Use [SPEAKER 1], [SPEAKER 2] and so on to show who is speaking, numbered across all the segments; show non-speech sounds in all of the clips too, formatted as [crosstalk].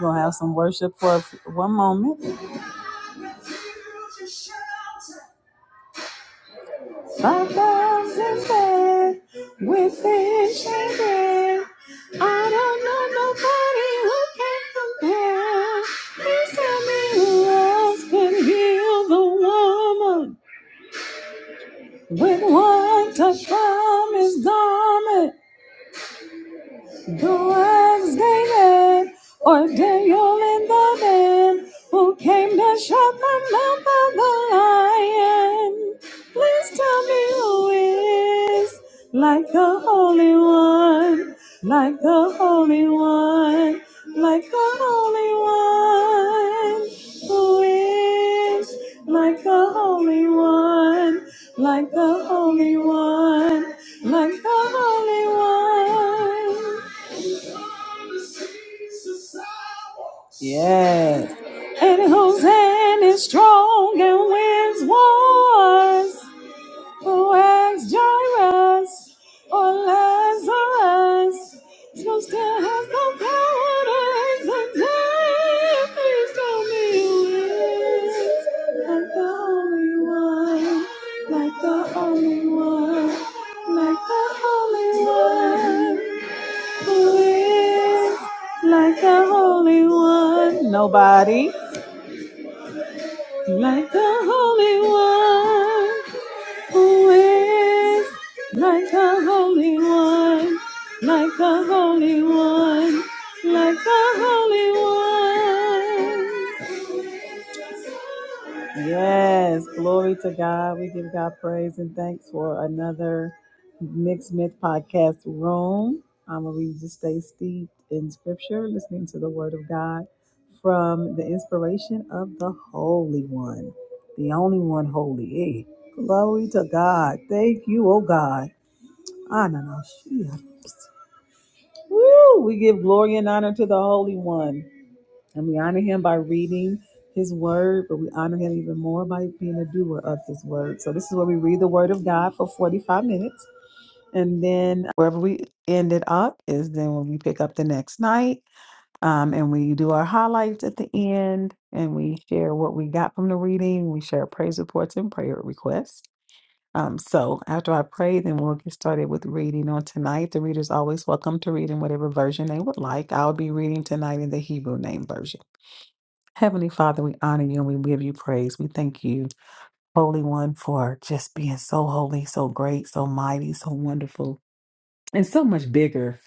[SPEAKER 1] We'll have some worship for one moment. Five thousand men with fish and bread. I don't know nobody who can compare. Please tell me who else can heal the woman with one touch from his garment. Though I was David, or Daniel in the den, who came to shut the mouth of the lion. Please tell me who is like the Holy One, like the Holy One, like the Holy One. Who is like the Holy One, like the Holy One, like the Holy One? Yes. And whose hand is strong and wins wars? Who has Jairus or Lazarus? Who still has the power to raise the dead? Please tell me who is like the only one, like the only one, like the only one like the Holy One. Nobody like the Holy One. Who is like the Holy One? Like the Holy One. Like the Holy One. Yes, glory to God. We give God praise and thanks for another Mixed Myth Podcast room. Um, where we just stay steeped in scripture, listening to the word of God from the inspiration of the Holy One, the only one holy. Hey, glory to God. Thank you, oh God. Ah, no, no, she- Woo! We give glory and honor to the Holy One. And we honor him by reading his word, but we honor him even more by being a doer of his word. So this is where we read the word of God for 45 minutes. And then wherever we end it up is then when we pick up the next night. Um, and we do our highlights at the end and we share what we got from the reading. We share praise reports and prayer requests. Um, so after I pray, then we'll get started with reading on tonight. The reader's always welcome to read in whatever version they would like. I'll be reading tonight in the Hebrew name version. Heavenly Father, we honor you and we give you praise. We thank you, Holy One, for just being so holy, so great, so mighty, so wonderful and so much bigger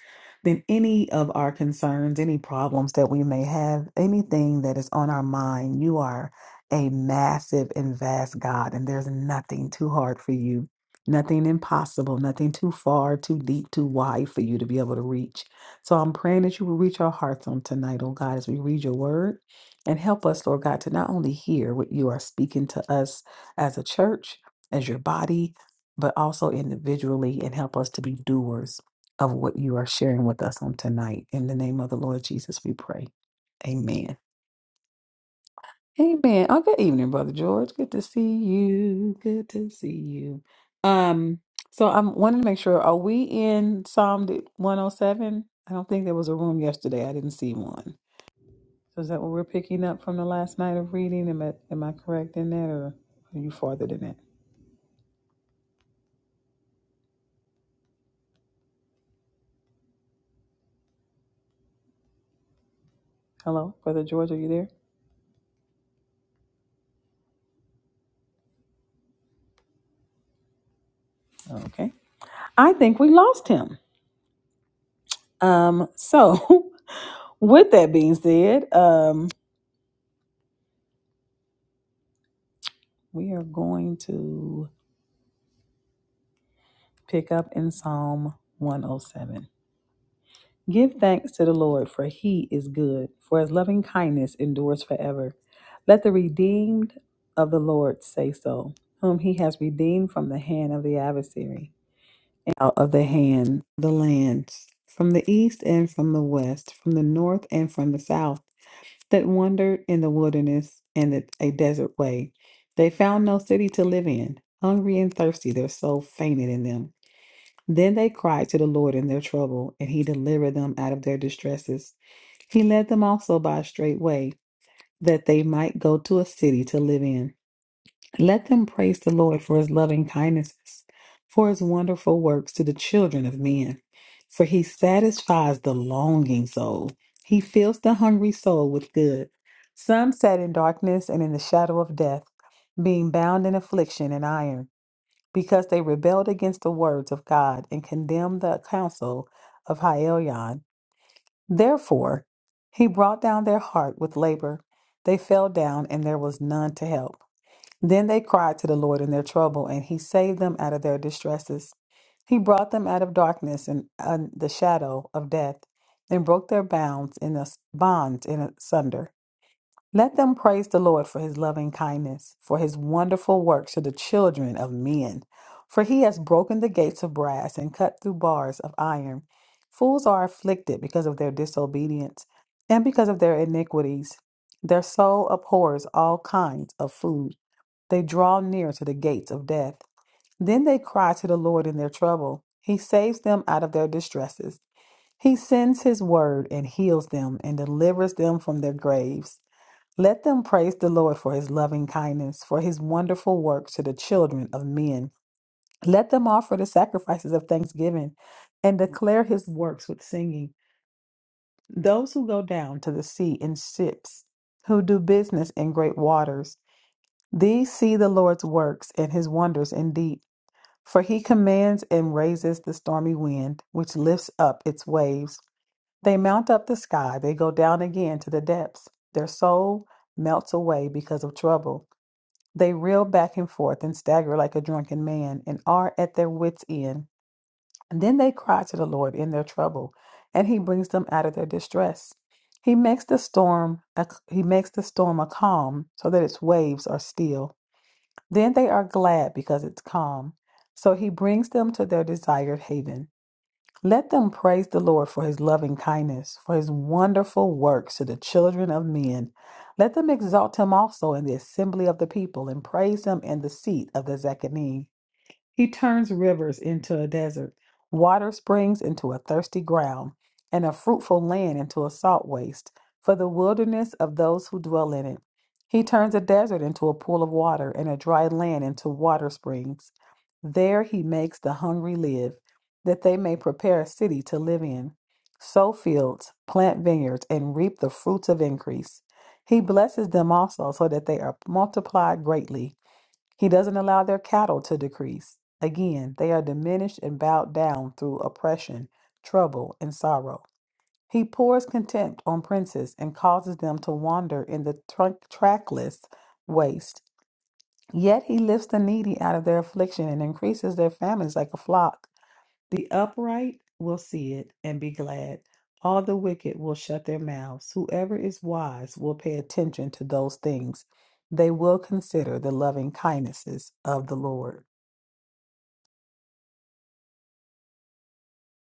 [SPEAKER 1] than any of our concerns, any problems that we may have, anything that is on our mind. You are a massive and vast God, and there's nothing too hard for you, nothing impossible, nothing too far, too deep, too wide for you to be able to reach. So I'm praying that you will reach our hearts on tonight, oh God, as we read your word. And help us, Lord God, to not only hear what you are speaking to us as a church, as your body, but also individually and help us to be doers of what you are sharing with us on tonight. In the name of the Lord Jesus, we pray. Amen. Amen. Oh, good evening, Brother George. Good to see you. Good to see you. Um, so I'm wanting to make sure, are we in Psalm 107? I don't think there was a room yesterday. I didn't see one. So is that what we're picking up from the last night of reading? Am I, am I correct in that or are you farther than that? Hello, Brother George, are you there? Okay. I think we lost him. Um, so [laughs] with that being said, um, we are going to pick up in Psalm 107. Give thanks to the Lord, for he is good, for his loving kindness endures forever. Let the redeemed of the Lord say so, whom he has redeemed from the hand of the adversary, and out of the hand of the lands from the east and from the west, from the north and from the south. that wandered in the wilderness and the, a desert way. They found no city to live in. Hungry and thirsty, their soul fainted in them. Then they cried to the Lord in their trouble, and he delivered them out of their distresses. He led them also by a straight way, that they might go to a city to live in. Let them praise the Lord for his loving kindnesses, for his wonderful works to the children of men. For he satisfies the longing soul, he fills the hungry soul with good. Some sat in darkness and in the shadow of death, being bound in affliction and iron, because they rebelled against the words of God and condemned the counsel of Hielion. Therefore, he brought down their heart with labor. They fell down, and there was none to help. Then they cried to the Lord in their trouble, and he saved them out of their distresses. He brought them out of darkness and uh, the shadow of death, and broke their bounds in a, bonds in asunder. Let them praise the Lord for his loving kindness, for his wonderful works to the children of men. For he has broken the gates of brass and cut through bars of iron. Fools are afflicted because of their disobedience and because of their iniquities. Their soul abhors all kinds of food. They draw near to the gates of death. Then they cry to the Lord in their trouble. He saves them out of their distresses. He sends his word and heals them and delivers them from their graves. Let them praise the Lord for his loving kindness, for his wonderful works to the children of men. Let them offer the sacrifices of thanksgiving and declare his works with singing. Those who go down to the sea in ships, who do business in great waters, these see the Lord's works and his wonders indeed. For he commands and raises the stormy wind, which lifts up its waves. They mount up the sky, they go down again to the depths. Their soul melts away because of trouble. They reel back and forth and stagger like a drunken man and are at their wits' end. And then they cry to the Lord in their trouble, and he brings them out of their distress. He makes the storm a, he makes the storm a calm so that its waves are still. Then they are glad because it's calm. So he brings them to their desired haven. Let them praise the Lord for his loving kindness, for his wonderful works to the children of men. Let them exalt him also in the assembly of the people and praise him in the seat of the Zechariah. He turns rivers into a desert, water springs into a thirsty ground, and a fruitful land into a salt waste, for the wilderness of those who dwell in it. He turns a desert into a pool of water, and a dry land into water springs. There he makes the hungry live, that they may prepare a city to live in. Sow fields, plant vineyards, and reap the fruits of increase. He blesses them also, so that they are multiplied greatly. He doesn't allow their cattle to decrease. Again, they are diminished and bowed down through oppression, trouble, and sorrow. He pours contempt on princes and causes them to wander in the tra- trackless waste. Yet he lifts the needy out of their affliction and increases their families like a flock. The upright will see it and be glad. All the wicked will shut their mouths. Whoever is wise will pay attention to those things. They will consider the loving kindnesses of the Lord.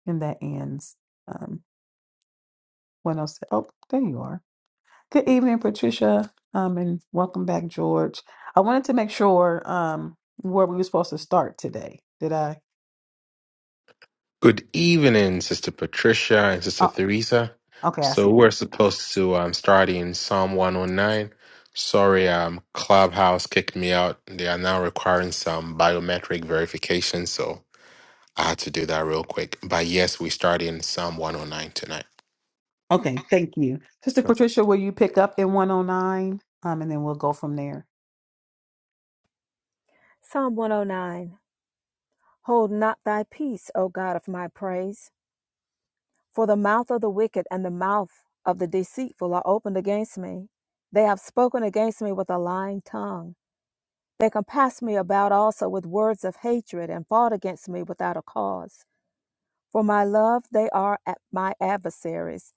[SPEAKER 1] And that ends um, 107. Oh, six. Oh, there you are. Good evening, Patricia, um, and welcome back, George. I wanted to make sure um, where we were supposed to start today. Did I?
[SPEAKER 2] Good evening, Sister Patricia and Sister
[SPEAKER 1] Oh,
[SPEAKER 2] Theresa.
[SPEAKER 1] okay, I see.
[SPEAKER 2] So we're
[SPEAKER 1] you.
[SPEAKER 2] supposed to um, start in Psalm 109. Sorry, um, Clubhouse kicked me out. They are now requiring some biometric verification, so I had to do that real quick. But yes, we start in Psalm 109 tonight.
[SPEAKER 1] Okay, thank you. Sister Patricia, will you pick up in 109? Um, and then we'll go from there.
[SPEAKER 3] Psalm 109 Hold not thy peace, O God of my praise, for the mouth of the wicked and the mouth of the deceitful are opened against me. They have spoken against me with a lying tongue. They compassed me about also with words of hatred and fought against me without a cause. For my love they are at my adversaries,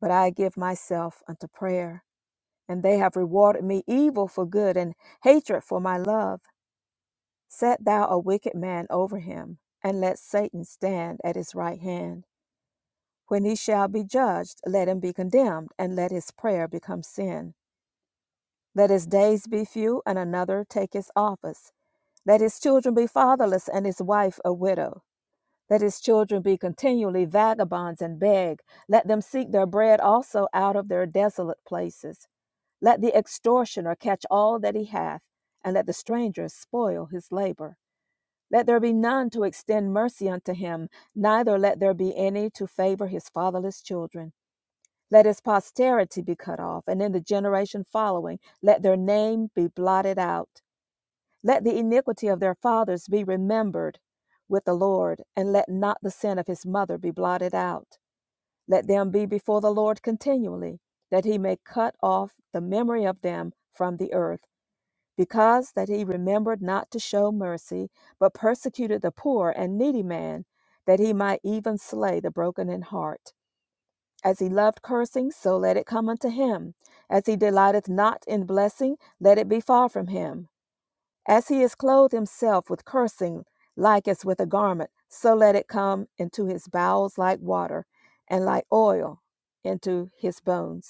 [SPEAKER 3] but I give myself unto prayer. And they have rewarded me evil for good and hatred for my love. Set thou a wicked man over him, and let Satan stand at his right hand. When he shall be judged, let him be condemned, and let his prayer become sin. Let his days be few, and another take his office. Let his children be fatherless, and his wife a widow. Let his children be continually vagabonds and beg. Let them seek their bread also out of their desolate places. Let the extortioner catch all that he hath, and let the stranger spoil his labor. Let there be none to extend mercy unto him, neither let there be any to favor his fatherless children. Let his posterity be cut off, and in the generation following, let their name be blotted out. Let the iniquity of their fathers be remembered with the Lord, and let not the sin of his mother be blotted out. Let them be before the Lord continually, that he may cut off the memory of them from the earth because that he remembered not to show mercy, but persecuted the poor and needy man, that he might even slay the broken in heart. As he loved cursing, so let it come unto him. As he delighteth not in blessing, let it be far from him. As he is clothed himself with cursing, like as with a garment, so let it come into his bowels like water, and like oil into his bones.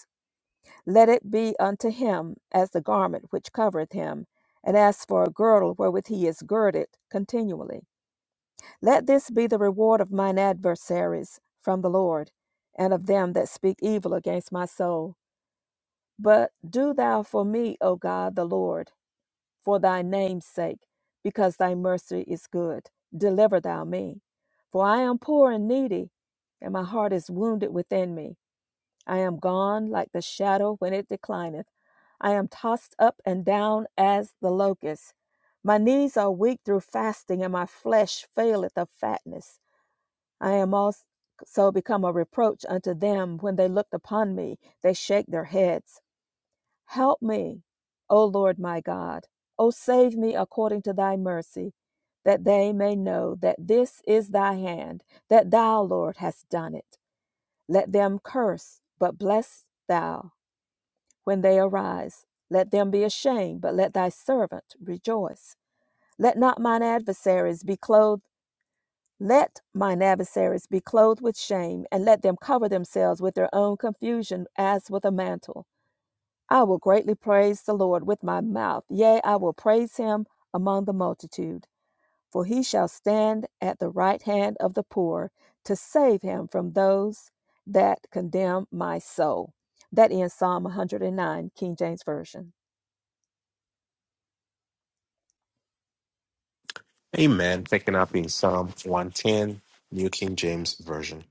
[SPEAKER 3] Let it be unto him as the garment which covereth him, and as for a girdle wherewith he is girded continually. Let this be the reward of mine adversaries from the Lord, and of them that speak evil against my soul. But do thou for me, O God the Lord, for thy name's sake, because thy mercy is good. Deliver thou me. For I am poor and needy, and my heart is wounded within me. I am gone like the shadow when it declineth. I am tossed up and down as the locust. My knees are weak through fasting, and my flesh faileth of fatness. I am also become a reproach unto them when they looked upon me. They shake their heads. Help me, O Lord my God. O save me according to thy mercy, that they may know that this is thy hand, that thou, Lord, hast done it. Let them curse, but bless thou when they arise. Let them be ashamed, but let thy servant rejoice. Let not mine adversaries be clothed, let mine adversaries be clothed with shame, and let them cover themselves with their own confusion as with a mantle. I will greatly praise the Lord with my mouth, yea, I will praise him among the multitude. For he shall stand at the right hand of the poor to save him from those that condemn my soul. That ends Psalm 109, King James Version.
[SPEAKER 2] Amen. Picking up in Psalm 110, New King James Version.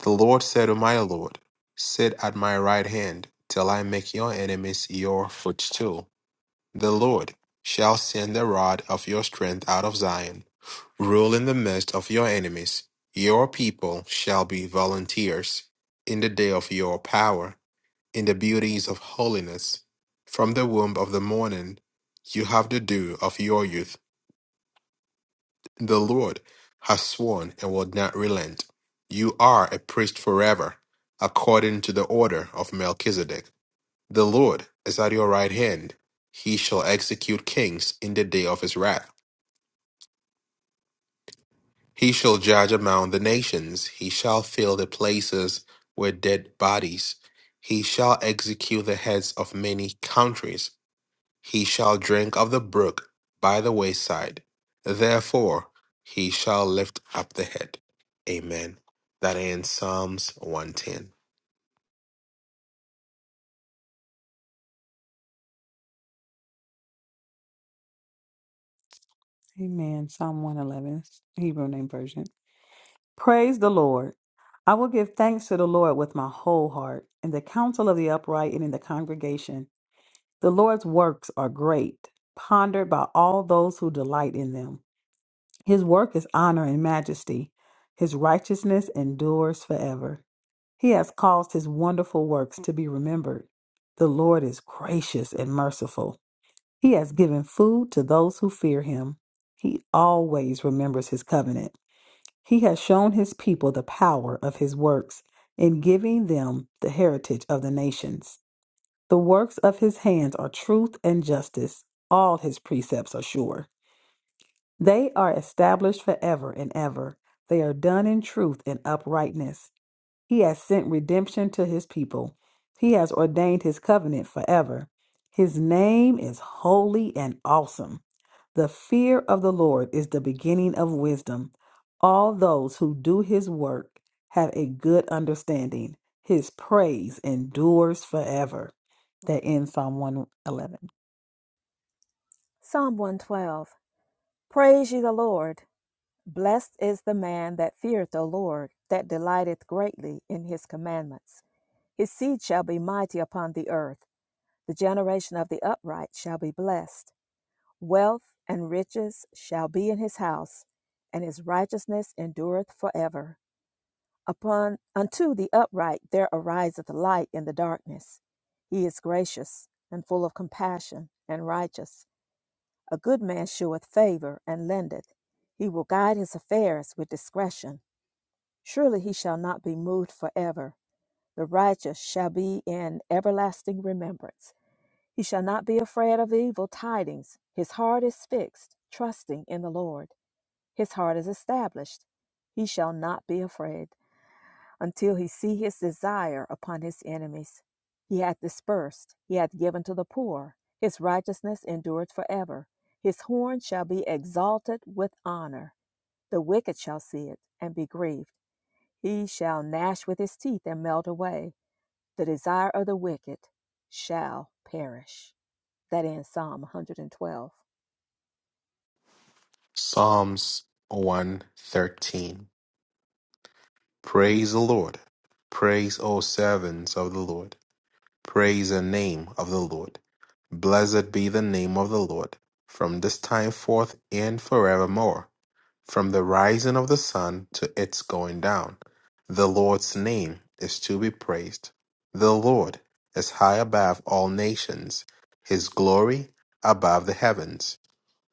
[SPEAKER 2] The Lord said to my Lord, Sit at my right hand till I make your enemies your footstool. The Lord shall send the rod of your strength out of Zion. Rule in the midst of your enemies. Your people shall be volunteers in the day of your power, in the beauties of holiness. From the womb of the morning you have the dew of your youth. The Lord has sworn and will not relent. You are a priest forever, according to the order of Melchizedek. The Lord is at your right hand. He shall execute kings in the day of his wrath. He shall judge among the nations. He shall fill the places with dead bodies. He shall execute the heads of many countries. He shall drink of the brook by the wayside. Therefore, he shall lift up the head. Amen. That ends Psalms 110.
[SPEAKER 1] Amen. Psalm 111, Hebrew name version. Praise the Lord. I will give thanks to the Lord with my whole heart, in the council of the upright and in the congregation. The Lord's works are great, pondered by all those who delight in them. His work is honor and majesty. His righteousness endures forever. He has caused his wonderful works to be remembered. The Lord is gracious and merciful. He has given food to those who fear him. He always remembers his covenant. He has shown his people the power of his works in giving them the heritage of the nations. The works of his hands are truth and justice. All his precepts are sure. They are established forever and ever. They are done in truth and uprightness. He has sent redemption to his people. He has ordained his covenant forever. His name is holy and awesome. The fear of the Lord is the beginning of wisdom. All those who do his work have a good understanding. His praise endures forever. That ends Psalm 111.
[SPEAKER 3] Psalm 112 Praise ye the Lord. Blessed is the man that feareth the Lord, that delighteth greatly in his commandments. His seed shall be mighty upon the earth. The generation of the upright shall be blessed. Wealth and riches shall be in his house, and his righteousness endureth forever. Upon unto the upright there ariseth light in the darkness. He is gracious and full of compassion and righteous. A good man sheweth favour and lendeth. He will guide his affairs with discretion. Surely he shall not be moved forever. The righteous shall be in everlasting remembrance. He shall not be afraid of evil tidings. His heart is fixed, trusting in the Lord. His heart is established. He shall not be afraid until he see his desire upon his enemies. He hath dispersed, he hath given to the poor. His righteousness endureth forever. His horn shall be exalted with honor. The wicked shall see it and be grieved. He shall gnash with his teeth and melt away. The desire of the wicked shall perish. That ends Psalm 112.
[SPEAKER 2] Psalms 113. Praise the Lord. Praise, O servants of the Lord. Praise the name of the Lord. Blessed be the name of the Lord, from this time forth and forevermore. From the rising of the sun to its going down, the Lord's name is to be praised. The Lord is high above all nations, his glory above the heavens.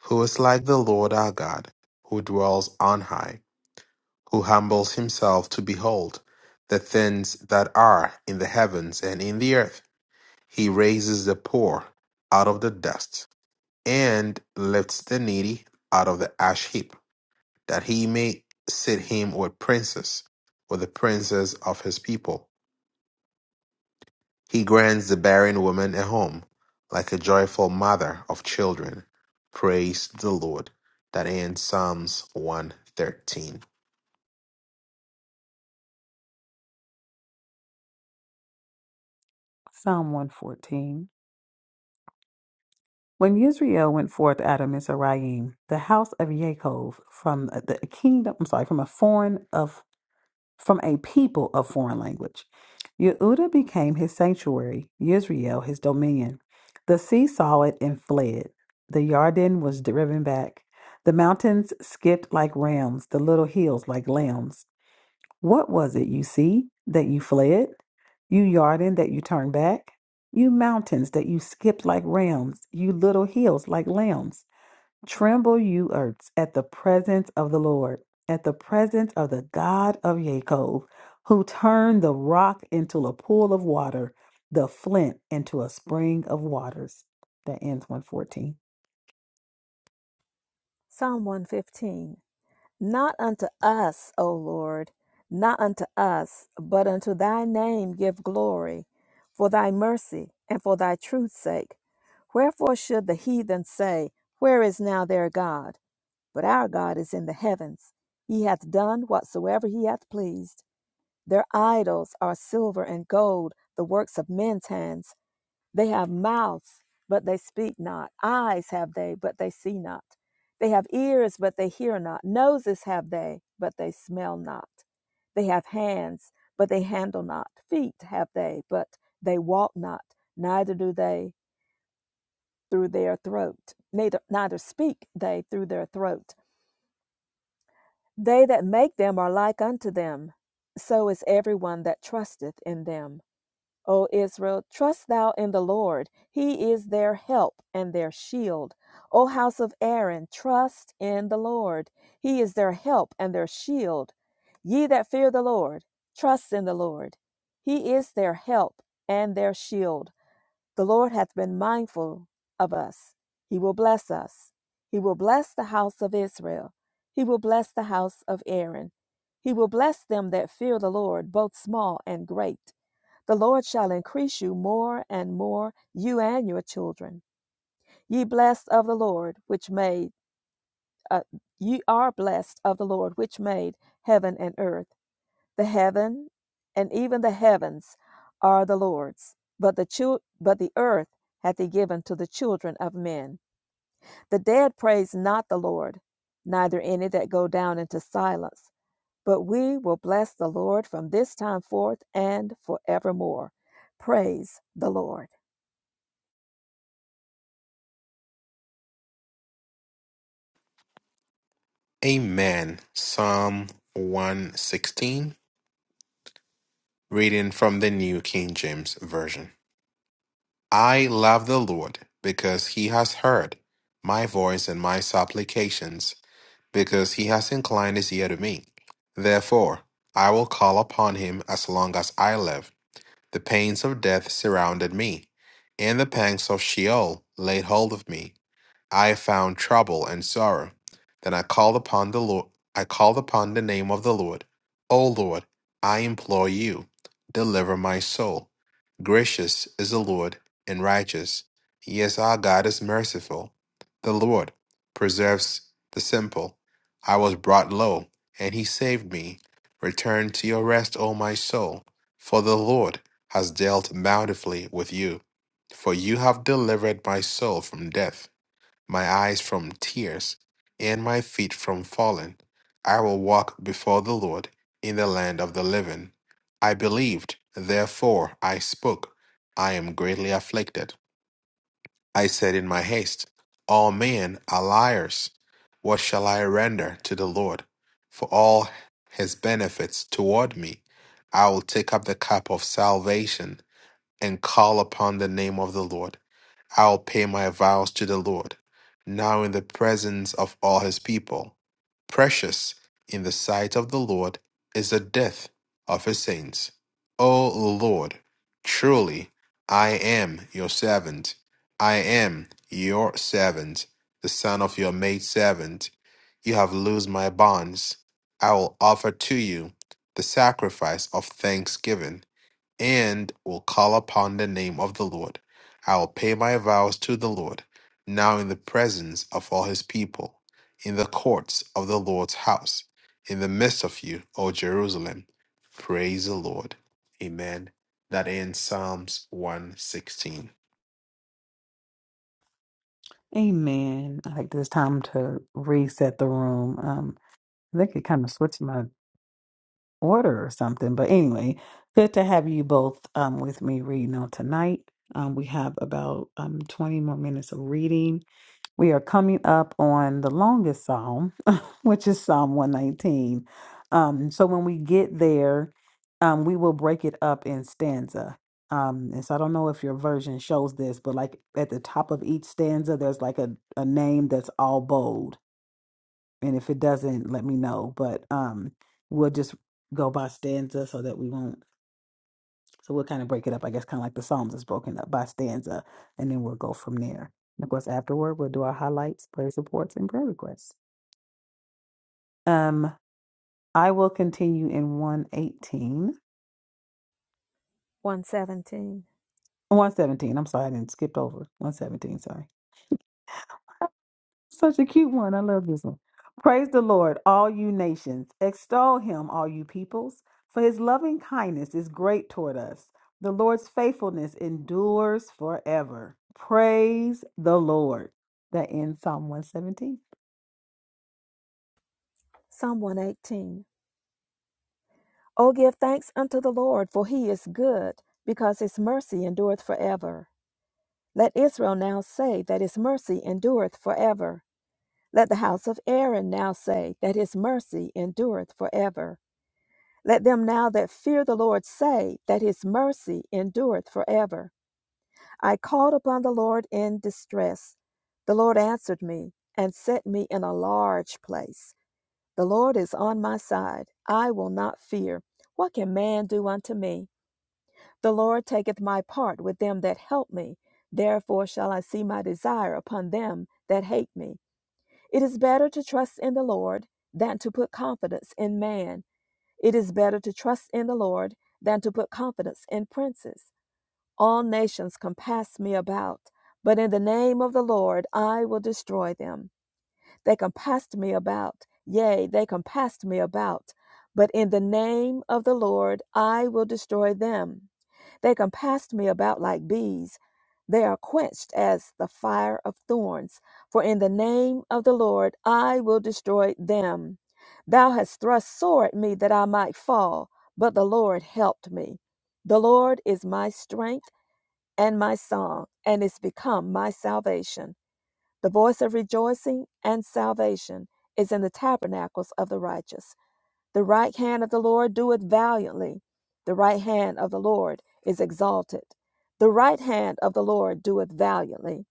[SPEAKER 2] Who is like the Lord our God, who dwells on high? who humbles himself to behold the things that are in the heavens and in the earth. He raises the poor out of the dust and lifts the needy out of the ash heap, that he may sit him with princes, with the princes of his people. He grants the barren woman a home, like a joyful mother of children. Praise the Lord. That ends Psalms 113.
[SPEAKER 1] Psalm 114. When Israel went forth out of Mizraim, the house of Yaakov from uh, the kingdom, I'm sorry, from a foreign of from a people of foreign language. Yehuda became his sanctuary, Israel his dominion. The sea saw it and fled. The Yarden was driven back. The mountains skipped like rams, the little hills like lambs. What was it, you sea, that you fled? You Yarden, that you turned back? You mountains, that you skipped like rams? You little hills, like lambs? Tremble, you earths, at the presence of the Lord, at the presence of the God of Jacob, who turned the rock into a pool of water, the flint into a spring of waters. That ends 114.
[SPEAKER 3] Psalm 115. Not unto us, O Lord, not unto us, but unto thy name give glory, for thy mercy and for thy truth's sake. Wherefore should the heathen say, Where is now their God? But our God is in the heavens. He hath done whatsoever he hath pleased. Their idols are silver and gold, the works of men's hands they have mouths, but they speak not. Eyes have they, but they see not. They have ears, but they hear not. Noses have they, but they smell not. They have hands, but they handle not. Feet have they, but they walk not. Neither do they through their throat. Neither, neither speak they through their throat. They that make them are like unto them. So is everyone that trusteth in them. O Israel, trust thou in the Lord. He is their help and their shield. O house of Aaron, trust in the Lord. He is their help and their shield. Ye that fear the Lord, trust in the Lord. He is their help and their shield. The Lord hath been mindful of us. He will bless us. He will bless the house of Israel. He will bless the house of Aaron. He will bless them that fear the Lord, both small and great. The Lord shall increase you more and more, you and your children. Ye blessed of the Lord, which made, uh, ye are blessed of the Lord, which made heaven and earth. The heaven and even the heavens are the Lord's, but the chil- but the earth hath he given to the children of men. The dead praise not the Lord, neither any that go down into silence. But we will bless the Lord from this time forth and forevermore. Praise the Lord.
[SPEAKER 2] Amen. Psalm 116, reading from the New King James Version. I love the Lord because he has heard my voice and my supplications, because he has inclined his ear to me. Therefore, I will call upon him as long as I live. The pains of death surrounded me, and the pangs of Sheol laid hold of me. I found trouble and sorrow. Then I called upon the Lord. I called upon the name of the Lord. O Lord, I implore you, deliver my soul. Gracious is the Lord and righteous. Yes, our God is merciful. The Lord preserves the simple. I was brought low, and he saved me. Return to your rest, O my soul, for the Lord has dealt bountifully with you. For you have delivered my soul from death my eyes from tears, and my feet from falling. I will walk before the Lord in the land of the living. I believed, therefore I spoke. I am greatly afflicted. I said in my haste, All men are liars. What shall I render to the Lord for all his benefits toward me? I will take up the cup of salvation and call upon the name of the Lord. I'll pay my vows to the Lord, now in the presence of all his people. Precious in the sight of the Lord is the death of his saints. O Lord, truly I am your servant. I am your servant, the son of your maidservant. You have loosed my bonds. I will offer to you the sacrifice of thanksgiving and will call upon the name of the Lord. I will pay my vows to the Lord, now in the presence of all his people, in the courts of the Lord's house, in the midst of you, O Jerusalem. Praise the Lord. Amen. That ends Psalms 116.
[SPEAKER 1] Amen. I think it's time to reset the room. Um, I think it kind of switched my order or something. But anyway, good to have you both um with me reading on tonight. Um, we have about um 20 more minutes of reading. We are coming up on the longest psalm, [laughs] which is Psalm 119. Um, so when we get there, um, we will break it up in stanza. Um, and so I don't know if your version shows this, but like at the top of each stanza, there's like a, a name that's all bold. And if it doesn't, let me know. But um, we'll just go by stanza so that we won't so we'll kind of break it up, I guess, kind of like the Psalms is broken up by stanza, and then we'll go from there. And of course, afterward, we'll do our highlights, prayer supports, and prayer requests. Um, I will continue in one eighteen,
[SPEAKER 3] 117.
[SPEAKER 1] one seventeen. I'm sorry, I didn't skip over 117. Sorry. Such a cute one. I love this one. Praise the Lord, all you nations. Extol him, all you peoples, for his loving kindness is great toward us. The Lord's faithfulness endures forever. Praise the Lord. That ends Psalm 117.
[SPEAKER 3] Psalm 118. O give thanks unto the Lord, for he is good, because his mercy endureth forever. Let Israel now say that his mercy endureth forever. Let the house of Aaron now say that his mercy endureth forever. Let them now that fear the Lord say that his mercy endureth forever. I called upon the Lord in distress. The Lord answered me and set me in a large place. The Lord is on my side. I will not fear. What can man do unto me? The Lord taketh my part with them that help me. Therefore shall I see my desire upon them that hate me. It is better to trust in the Lord than to put confidence in man. It is better to trust in the Lord than to put confidence in princes. All nations compass me about, but in the name of the Lord I will destroy them. They compassed me about. Yea, they compassed me about. But in the name of the Lord I will destroy them. They compassed me about like bees. They are quenched as the fire of thorns. For in the name of the Lord I will destroy them. Thou hast thrust sore at me that I might fall, but the Lord helped me. The Lord is my strength and my song, and is become my salvation. The voice of rejoicing and salvation is in the tabernacles of the righteous. The right hand of the Lord doeth valiantly. The right hand of the Lord is exalted. The right hand of the Lord doeth valiantly.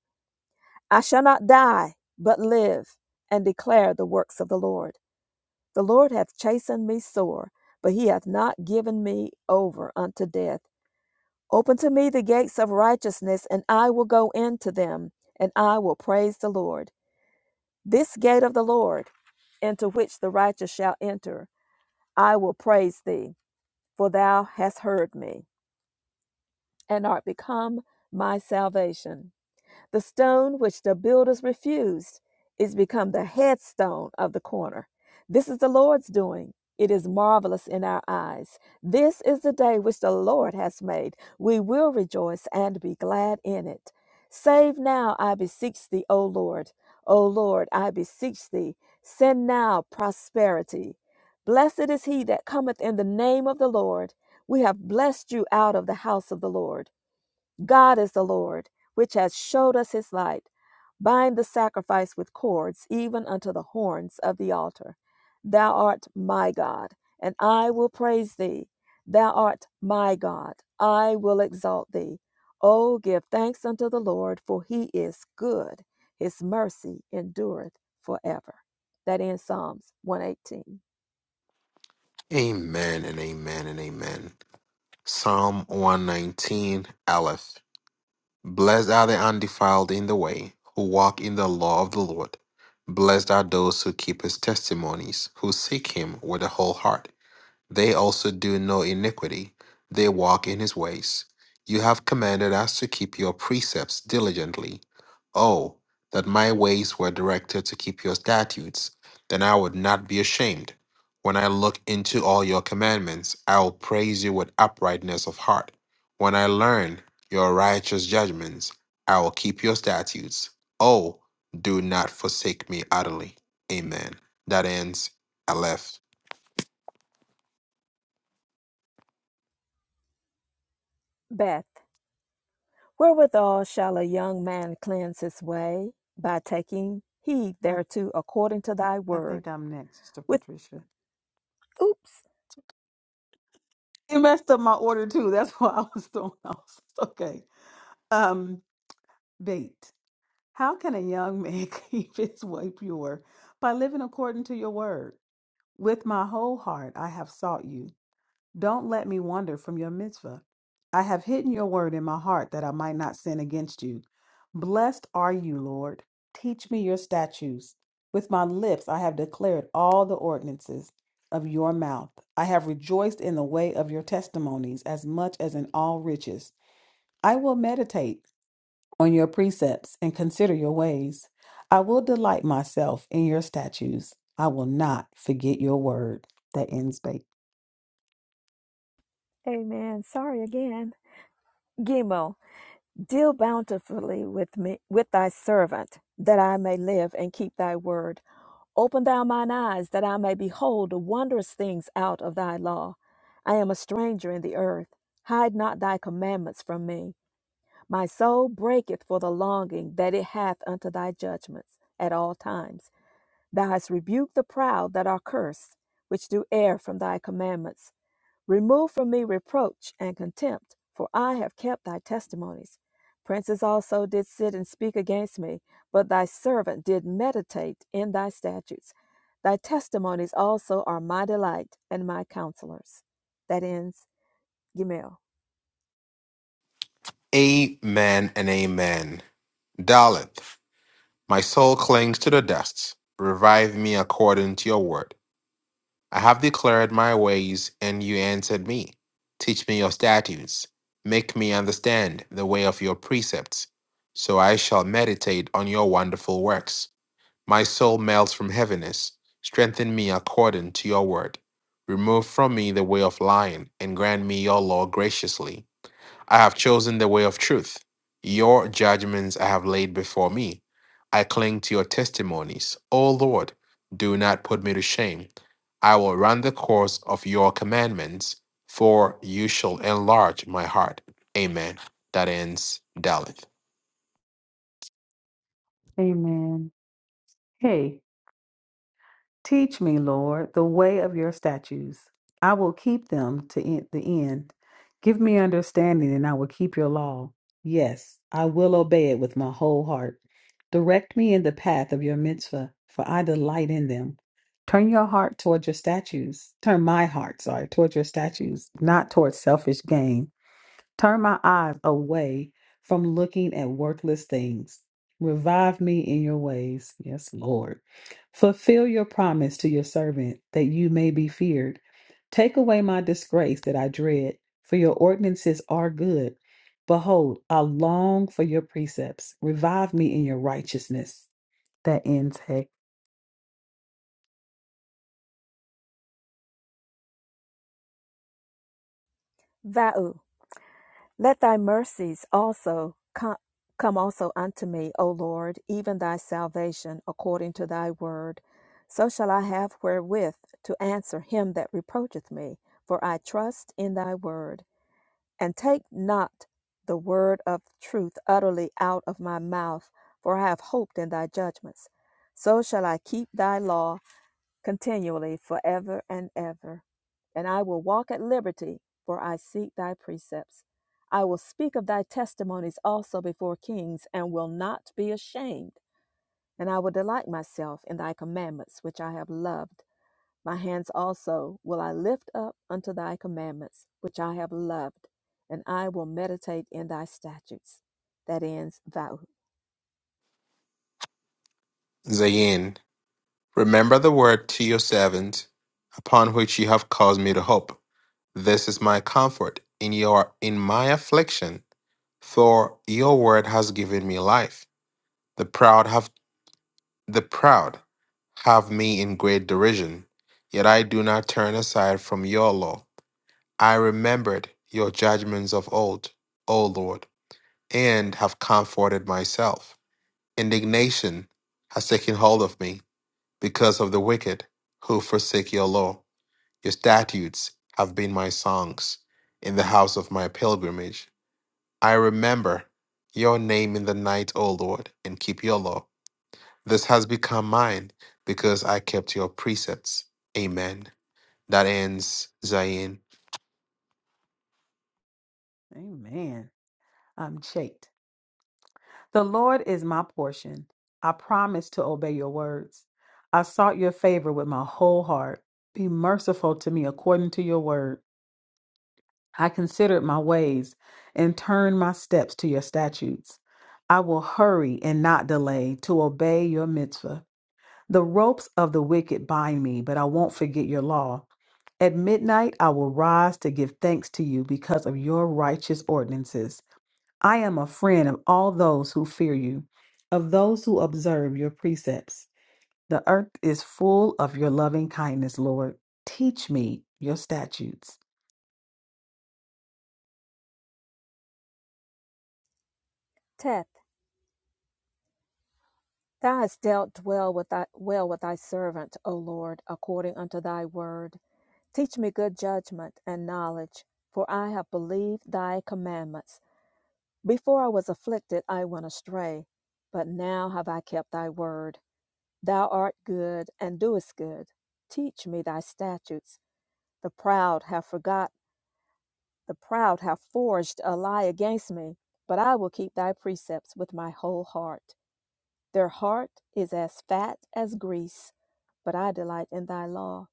[SPEAKER 3] I shall not die, but live and declare the works of the Lord. The Lord hath chastened me sore, but he hath not given me over unto death. Open to me the gates of righteousness, and I will go into them, and I will praise the Lord. This gate of the Lord, into which the righteous shall enter, I will praise thee, for thou hast heard me, and art become my salvation. The stone which the builders refused is become the headstone of the corner. This is the Lord's doing. It is marvelous in our eyes. This is the day which the Lord has made. We will rejoice and be glad in it. Save now, I beseech thee, O Lord. O Lord, I beseech thee. Send now prosperity. Blessed is he that cometh in the name of the Lord. We have blessed you out of the house of the Lord. God is the Lord, which has showed us his light. Bind the sacrifice with cords, even unto the horns of the altar. Thou art my God, and I will praise thee. Thou art my God, I will exalt thee. O give thanks unto the Lord, for he is good. His mercy endureth forever. That ends Psalms 118.
[SPEAKER 2] Amen and amen and amen. Psalm 119, Aleph. Blessed are the undefiled in the way, who walk in the law of the Lord. Blessed are those who keep his testimonies, who seek him with a whole heart. They also do no iniquity. They walk in his ways. You have commanded us to keep your precepts diligently. Oh, that my ways were directed to keep your statutes, then I would not be ashamed. When I look into all your commandments, I will praise you with uprightness of heart. When I learn your righteous judgments, I will keep your statutes. Oh, do not forsake me utterly. Amen. That ends Aleph.
[SPEAKER 3] Beth. Wherewithal shall a young man cleanse his way? By taking heed
[SPEAKER 1] I,
[SPEAKER 3] thereto according to thy
[SPEAKER 1] I think
[SPEAKER 3] word.
[SPEAKER 1] I'm next, Sister
[SPEAKER 3] With
[SPEAKER 1] Patricia.
[SPEAKER 3] oops,
[SPEAKER 1] You messed up my order too. That's why I was thrown [laughs] off. Okay. Um, bait. How can a young man [laughs] keep his way pure? By living according to your word. With my whole heart I have sought you. Don't let me wander from your mitzvah. I have hidden your word in my heart that I might not sin against you. Blessed are you, Lord. Teach me your statutes. With my lips I have declared all the ordinances of your mouth. I have rejoiced in the way of your testimonies as much as in all riches. I will meditate on your precepts and consider your ways. I will delight myself in your statutes. I will not forget your word. That ends bait.
[SPEAKER 3] amen. Sorry again. Gimo, deal bountifully with me with thy servant, that I may live and keep thy word. Open thou mine eyes, that I may behold the wondrous things out of thy law. I am a stranger in the earth. Hide not thy commandments from me. My soul breaketh for the longing that it hath unto thy judgments at all times. Thou hast rebuked the proud that are cursed, which do err from thy commandments. Remove from me reproach and contempt, for I have kept thy testimonies. Princes also did sit and speak against me, but thy servant did meditate in thy statutes. Thy testimonies also are my delight and my counselors. That ends Gimel.
[SPEAKER 2] Amen and amen. Dalit, my soul clings to the dust. Revive me according to your word. I have declared my ways, and you answered me. Teach me your statutes. Make me understand the way of your precepts. So I shall meditate on your wonderful works. My soul melts from heaviness. Strengthen me according to your word. Remove from me the way of lying, and grant me your law graciously. I have chosen the way of truth. Your judgments I have laid before me. I cling to your testimonies. O Lord, do not put me to shame. I will run the course of your commandments, for you shall enlarge my heart. Amen. That ends Daleth.
[SPEAKER 1] Amen. Hey, Teach me, Lord, the way of your statutes. I will keep them to en- the end. Give me understanding, and I will keep your law. Yes, I will obey it with my whole heart. Direct me in the path of your mitzvah, for I delight in them. Turn your heart toward your statues. Turn my heart, sorry, toward your statues, not toward selfish gain. Turn my eyes away from looking at worthless things. Revive me in your ways. Yes, Lord. Fulfill your promise to your servant that you may be feared. Take away my disgrace that I dread, for your ordinances are good. Behold, I long for your precepts. Revive me in your righteousness. That ends, hey.
[SPEAKER 3] Vau. Let thy mercies also co- come also unto me, O Lord, even thy salvation, according to thy word. So shall I have wherewith to answer him that reproacheth me, for I trust in thy word. And take not the word of truth utterly out of my mouth, for I have hoped in thy judgments. So shall I keep thy law continually forever and ever. And I will walk at liberty, for I seek thy precepts. I will speak of thy testimonies also before kings, and will not be ashamed. And I will delight myself in thy commandments, which I have loved. My hands also will I lift up unto thy commandments, which I have loved, and I will meditate in thy statutes. That ends vow.
[SPEAKER 2] Zayin, remember the word to your servant, upon which you have caused me to hope. This is my comfort in your in my affliction, for your word has given me life. The proud have the proud have me in great derision, yet I do not turn aside from your law. I remembered your judgments of old, O Lord, and have comforted myself. Indignation has taken hold of me because of the wicked who forsake your law. Your statutes have been my songs in the house of my pilgrimage. I remember your name in the night, O Lord, and keep your law. This has become mine because I kept your precepts. Amen. That ends Zion.
[SPEAKER 1] Amen. I'm shaked. The Lord is my portion. I promise to obey your words. I sought your favor with my whole heart. Be merciful to me according to your word. I considered my ways and turned my steps to your statutes. I will hurry and not delay to obey your mitzvah. The ropes of the wicked bind me, but I won't forget your law. At midnight, I will rise to give thanks to you because of your righteous ordinances. I am a friend of all those who fear you, of those who observe your precepts. The earth is full of your loving kindness, Lord. Teach me your statutes.
[SPEAKER 3] Thou hast dealt well with thy well with thy servant, O Lord, according unto thy word. Teach me good judgment and knowledge, for I have believed thy commandments. Before I was afflicted, I went astray, but now have I kept thy word. Thou art good and doest good. Teach me thy statutes. The proud have forgot, the proud have forged a lie against me, but I will keep thy precepts with my whole heart. Their heart is as fat as grease, but I delight in thy law.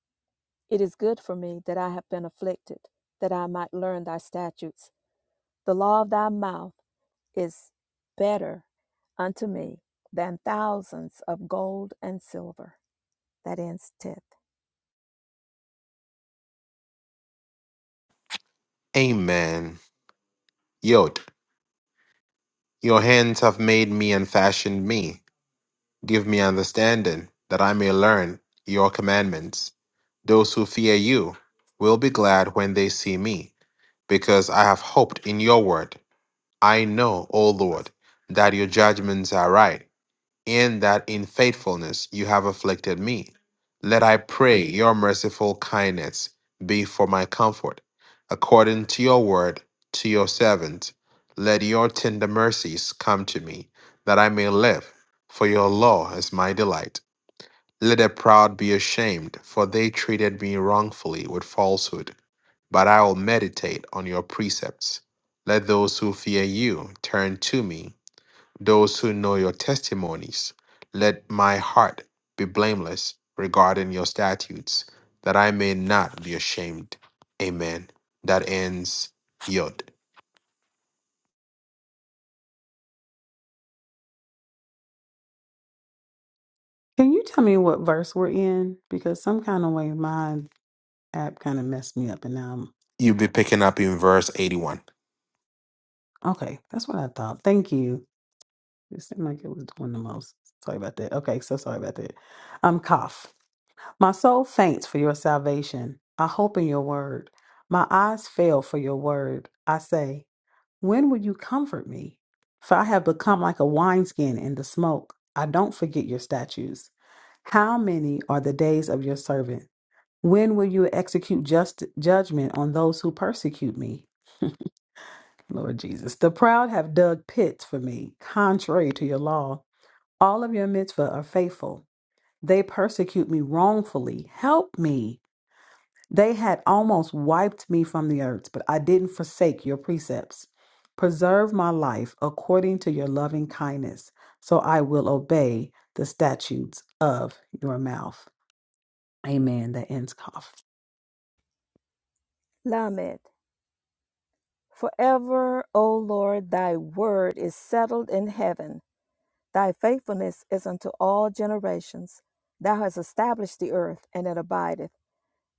[SPEAKER 3] It is good for me that I have been afflicted, that I might learn thy statutes. The law of thy mouth is better unto me than thousands of gold and silver. That ends tenth.
[SPEAKER 2] Amen. Yod, your hands have made me and fashioned me. Give me understanding that I may learn your commandments. Those who fear you will be glad when they see me, because I have hoped in your word. I know, O Lord, that your judgments are right in that in faithfulness you have afflicted me. Let I pray your merciful kindness be for my comfort. According to your word, to your servant, let your tender mercies come to me, that I may live, for your law is my delight. Let the proud be ashamed, for they treated me wrongfully with falsehood. But I will meditate on your precepts. Let those who fear you turn to me those who know your testimonies. Let my heart be blameless regarding your statutes, that I may not be ashamed. Amen. That ends Yod.
[SPEAKER 1] Can you tell me what verse we're in? Because some kind of way my app kind of messed me up, and now
[SPEAKER 2] You'll be picking up in verse 81.
[SPEAKER 1] I'm okay. That's what I thought. Thank you. It seemed like it was doing the most. Sorry about that. Okay, so sorry about that. Um, cough. My soul faints for your salvation. I hope in your word. My eyes fail for your word. I say, When will you comfort me? For I have become like a wineskin in the smoke. I don't forget your statutes. How many are the days of your servant? When will you execute just judgment on those who persecute me? Lord Jesus, the proud have dug pits for me, contrary to your law. All of your mitzvah are faithful. They persecute me wrongfully. Help me. They had almost wiped me from the earth, but I didn't forsake your precepts. Preserve my life according to your loving kindness, so I will obey the statutes of your mouth. Amen. That ends cough.
[SPEAKER 3] Lamed. Forever, O Lord, thy word is settled in heaven. Thy faithfulness is unto all generations. Thou hast established the earth, and it abideth.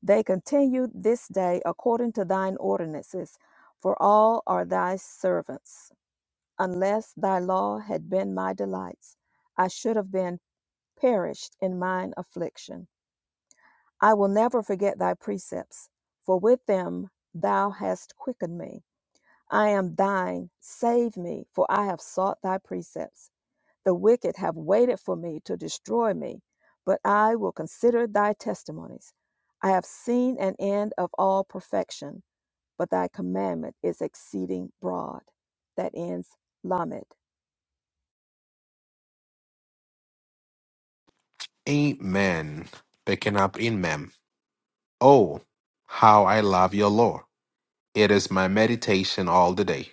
[SPEAKER 3] They continued this day according to thine ordinances, for all are thy servants. Unless thy law had been my delights, I should have been perished in mine affliction. I will never forget thy precepts, for with them thou hast quickened me. I am thine, save me, for I have sought thy precepts. The wicked have waited for me to destroy me, but I will consider thy testimonies. I have seen an end of all perfection, but thy commandment is exceeding broad. That ends Lamed.
[SPEAKER 2] Amen. Picking up in Mem. Oh, how I love your law. It is my meditation all the day.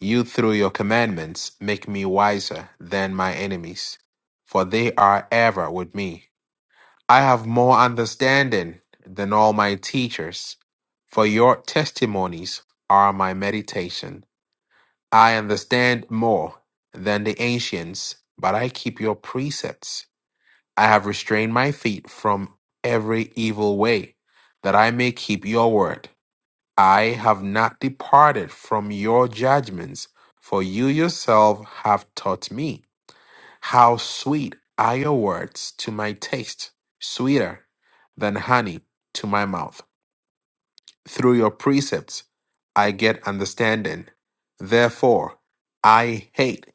[SPEAKER 2] You, through your commandments, make me wiser than my enemies, for they are ever with me. I have more understanding than all my teachers, for your testimonies are my meditation. I understand more than the ancients, but I keep your precepts. I have restrained my feet from every evil way, that I may keep your word. I have not departed from your judgments, for you yourself have taught me. How sweet are your words to my taste, sweeter than honey to my mouth. Through your precepts I get understanding. Therefore, I hate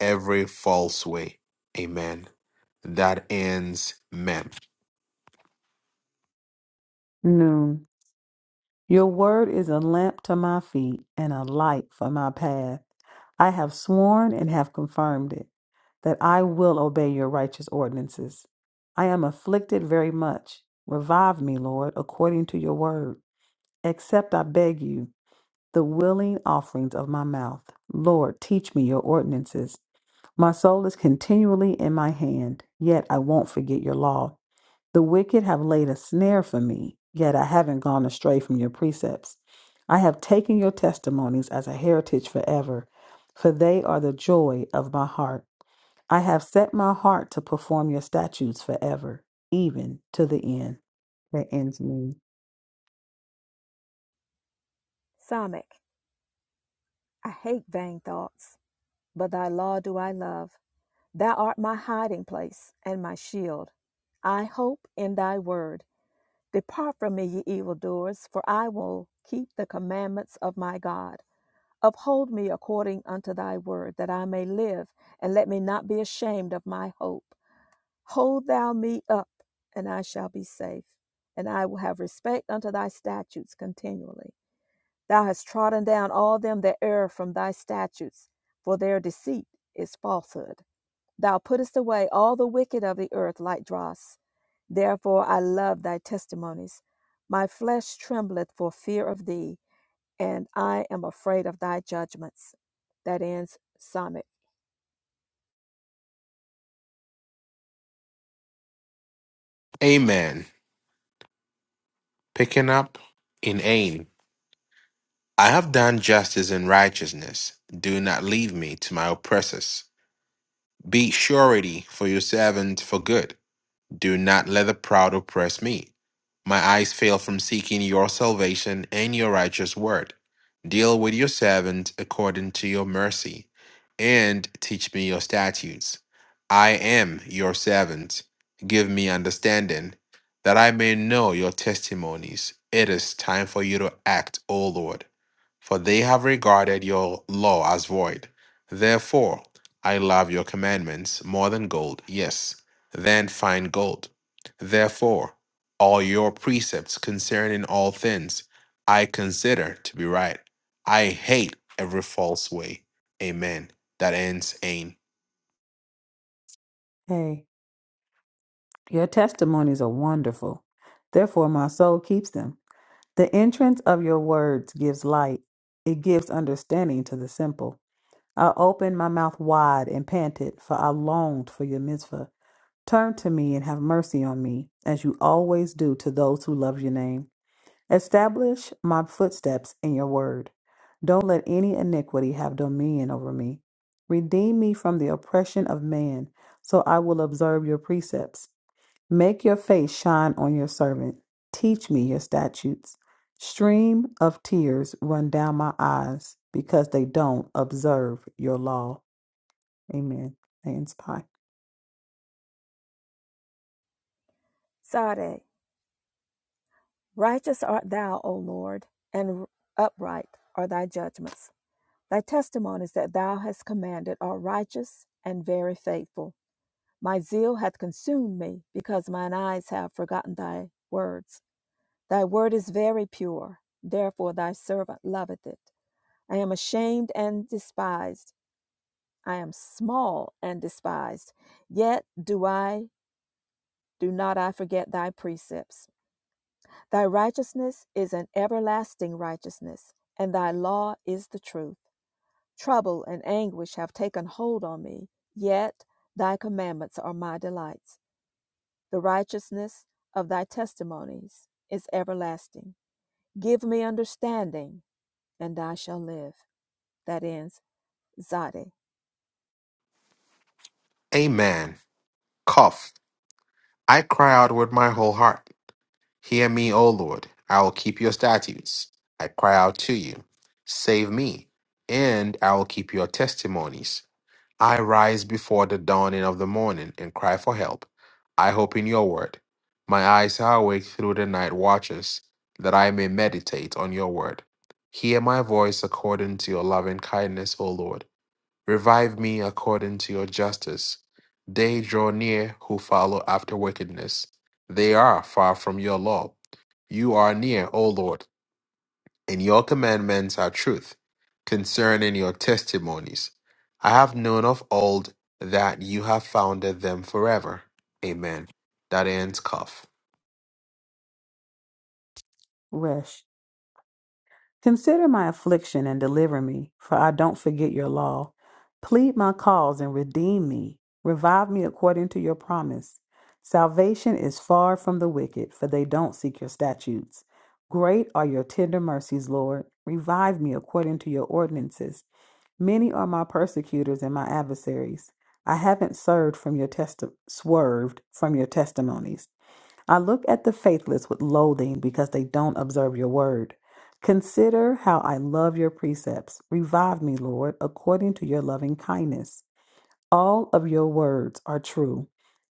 [SPEAKER 2] every false way. Amen. That ends Mem.
[SPEAKER 1] Noon. Your word is a lamp to my feet and a light for my path. I have sworn and have confirmed it, that I will obey your righteous ordinances. I am afflicted very much. Revive me, Lord, according to your word. Accept, I beg you, the willing offerings of my mouth. Lord, teach me your ordinances. My soul is continually in my hand, yet I won't forget your law. The wicked have laid a snare for me, yet I haven't gone astray from your precepts. I have taken your testimonies as a heritage forever, for they are the joy of my heart. I have set my heart to perform your statutes forever, even to the end that ends me.
[SPEAKER 3] Samech, I hate vain thoughts, but thy law do I love. Thou art my hiding place and my shield. I hope in thy word. Depart from me, ye evildoers, for I will keep the commandments of my God. Uphold me according unto thy word, that I may live, and let me not be ashamed of my hope. Hold thou me up, and I shall be safe, and I will have respect unto thy statutes continually. Thou hast trodden down all them that err from thy statutes, for their deceit is falsehood. Thou puttest away all the wicked of the earth like dross. Therefore I love thy testimonies. My flesh trembleth for fear of thee and I am afraid of thy judgments. That ends Psalmic.
[SPEAKER 2] Amen. Picking up in Ain. I have done justice and righteousness. Do not leave me to my oppressors. Be surety for your servant for good Do not let the proud oppress me. My eyes fail from seeking your salvation and your righteous word. Deal with your servant according to your mercy, and teach me your statutes. I am your servant. Give me understanding, that I may know your testimonies. It is time for you to act, O Lord, for they have regarded your law as void. Therefore, I love your commandments more than gold, yes, than fine gold. Therefore, all your precepts concerning all things I consider to be right. I hate every false way. Amen. That ends ain.
[SPEAKER 1] Hey. Your testimonies are wonderful. Therefore, my soul keeps them. The entrance of your words gives light, it gives understanding to the simple. I opened my mouth wide and panted, for I longed for your mitzvah. Turn to me and have mercy on me, as you always do to those who love your name. Establish my footsteps in your word. Don't let any iniquity have dominion over me. Redeem me from the oppression of man, so I will observe your precepts. Make your face shine on your servant. Teach me your statutes. Stream of tears run down my eyes because they don't observe your law. Amen. Hands pie.
[SPEAKER 3] Sade, righteous art thou, O Lord, and upright are thy judgments. Thy testimonies that thou hast commanded are righteous and very faithful. My zeal hath consumed me, because mine eyes have forgotten thy words. Thy word is very pure, therefore thy servant loveth it. I am ashamed and despised. I am small and despised. Yet do I Do not I forget thy precepts. Thy righteousness is an everlasting righteousness, and thy law is the truth. Trouble and anguish have taken hold on me, yet thy commandments are my delights. The righteousness of thy testimonies is everlasting. Give me understanding, and I shall live. That ends Zade.
[SPEAKER 2] Amen. Cough. I cry out with my whole heart. Hear me, O Lord. I will keep your statutes. I cry out to you. Save me, and I will keep your testimonies. I rise before the dawning of the morning and cry for help. I hope in your word. My eyes are awake through the night watches, that I may meditate on your word. Hear my voice according to your loving kindness, O Lord. Revive me according to your justice. They draw near who follow after wickedness. They are far from your law. You are near, O Lord, and your commandments are truth concerning your testimonies. I have known of old that you have founded them forever. Amen. That ends cuff.
[SPEAKER 1] Resh. Consider my affliction and deliver me, for I don't forget your law. Plead my cause and redeem me. Revive me according to your promise. Salvation is far from the wicked, for they don't seek your statutes. Great are your tender mercies, Lord. Revive me according to your ordinances. Many are my persecutors and my adversaries. I haven't served from your testi- swerved from your testimonies. I look at the faithless with loathing because they don't observe your word. Consider how I love your precepts. Revive me, Lord, according to your loving kindness. All of your words are true.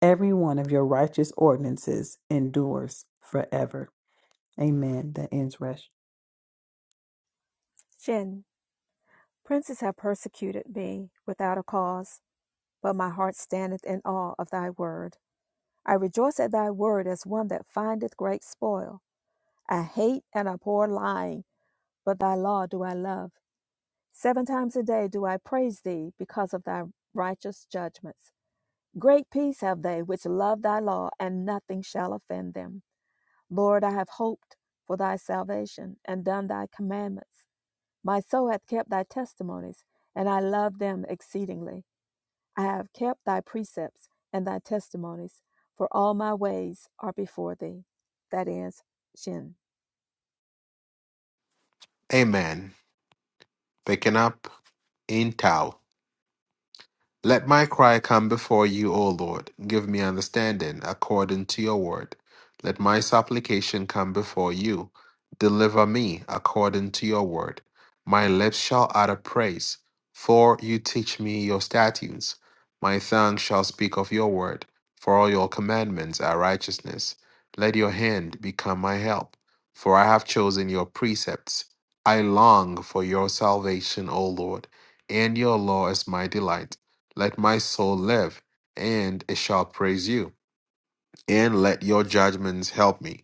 [SPEAKER 1] Every one of your righteous ordinances endures forever. Amen. That ends Resh.
[SPEAKER 3] Shin, princes have persecuted me without a cause, but my heart standeth in awe of thy word. I rejoice at thy word as one that findeth great spoil. I hate and abhor lying, but thy law do I love. Seven times a day do I praise thee because of thy righteous judgments. Great peace have they which love thy law, and nothing shall offend them. Lord, I have hoped for thy salvation and done thy commandments. My soul hath kept thy testimonies, and I love them exceedingly. I have kept thy precepts and thy testimonies, for all my ways are before thee. That ends Shin.
[SPEAKER 2] Amen. Picking up in Tao. Let my cry come before you, O Lord. Give me understanding according to your word. Let my supplication come before you. Deliver me according to your word. My lips shall utter praise, for you teach me your statutes. My tongue shall speak of your word, for all your commandments are righteousness. Let your hand become my help, for I have chosen your precepts. I long for your salvation, O Lord, and your law is my delight. Let my soul live, and it shall praise you, and let your judgments help me.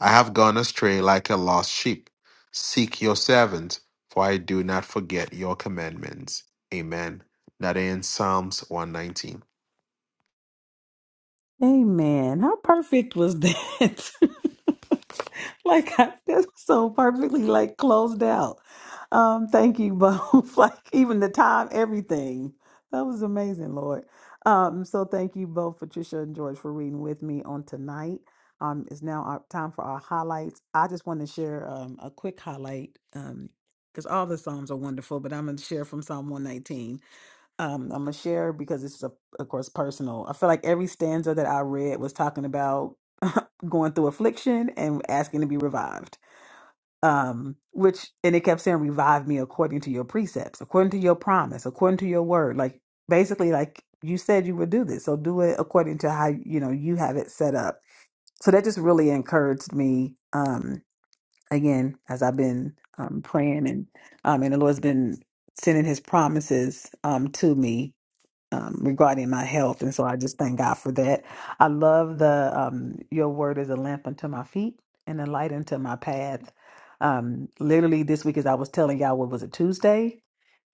[SPEAKER 2] I have gone astray like a lost sheep. Seek your servants, for I do not forget your commandments. Amen. That ends Psalms 119.
[SPEAKER 1] Amen. How perfect was that? [laughs] like I, that's so perfectly like closed out. Um, thank you both. [laughs] like even the time, everything. That was amazing, Lord. Um, so thank you both, Patricia and George, for reading with me on tonight. Um, it's now our time for our highlights. I just want to share um a quick highlight. Um because all the Psalms are wonderful, but I'm going to share from Psalm 119. Um, I'm gonna share because this is a, of course personal. I feel like every stanza that I read was talking about [laughs] going through affliction and asking to be revived. Um, which and it kept saying, "Revive me according to your precepts, according to your promise, according to your word." Like basically, like you said you would do this, so do it according to how you know you have it set up. So that just really encouraged me. Um, again, as I've been um praying and um, and the Lord's been sending His promises um to me um, regarding my health, and so I just thank God for that. I love the um, your word is a lamp unto my feet and a light unto my path. Um, literally this week, as I was telling y'all, what was it Tuesday?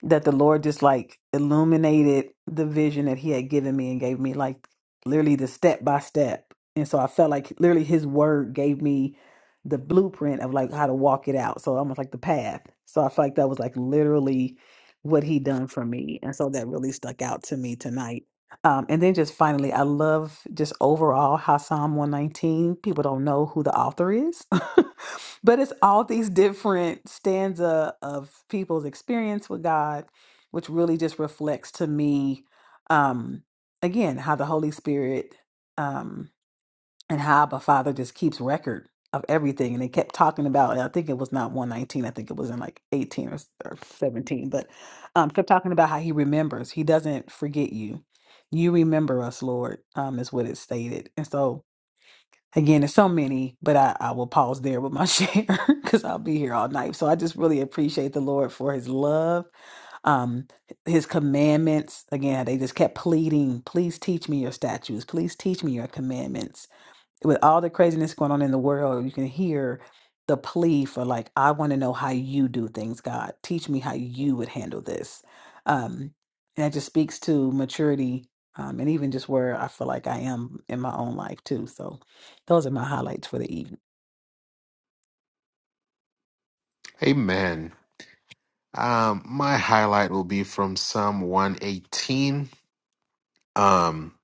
[SPEAKER 1] that the Lord just like illuminated the vision that He had given me and gave me like literally the step by step. And so I felt like literally His word gave me the blueprint of like how to walk it out. So almost like the path. So I felt like that was like literally what He done for me. And so that really stuck out to me tonight. Um, and then just finally, I love just overall how Psalm 119, people don't know who the author is. [laughs] but it's all these different stanza of people's experience with God, which really just reflects to me, um, again, how the Holy Spirit um, and how Abba Father just keeps record of everything. And they kept talking about, and I think it was not 119, I think it was in like 18 or, or 17, but um, kept talking about how he remembers. He doesn't forget you. You remember us, Lord, um, is what it stated. And so, Again, there's so many, but I, I will pause there with my [laughs] share because I'll be here all night. So I just really appreciate the Lord for his love um his commandments again they just kept pleading please teach me your statutes please teach me your commandments with all the craziness going on in the world, you can hear the plea for like, I want to know how you do things, God. Teach me how you would handle this. Um, and that just speaks to maturity um, and even just where I feel like I am in my own life too. So those are my highlights for the evening.
[SPEAKER 2] Amen. Um, my highlight will be from Psalm 118. Um,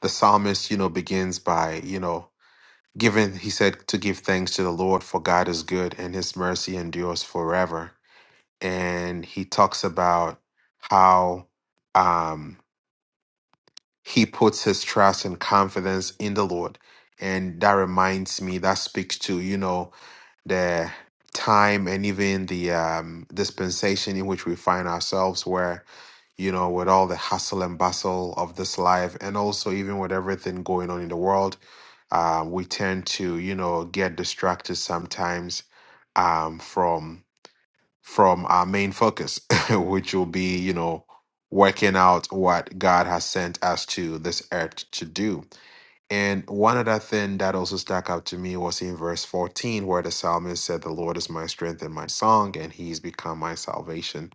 [SPEAKER 2] the psalmist, you know, begins by, you know, giving, he said, to give thanks to the Lord, for God is good and his mercy endures forever. and he talks about how um, he puts his trust and confidence in the Lord. And that reminds me, that speaks to, you know, the time and even the um, dispensation in which we find ourselves, where, you know, with all the hustle and bustle of this life, and also even with everything going on in the world, uh, we tend to, you know, get distracted sometimes um, from from our main focus, [laughs] which will be, you know, working out what God has sent us to this earth to do. And one other thing that also stuck out to me was in verse 14, where the psalmist said, The Lord is my strength and my song, and he's become my salvation.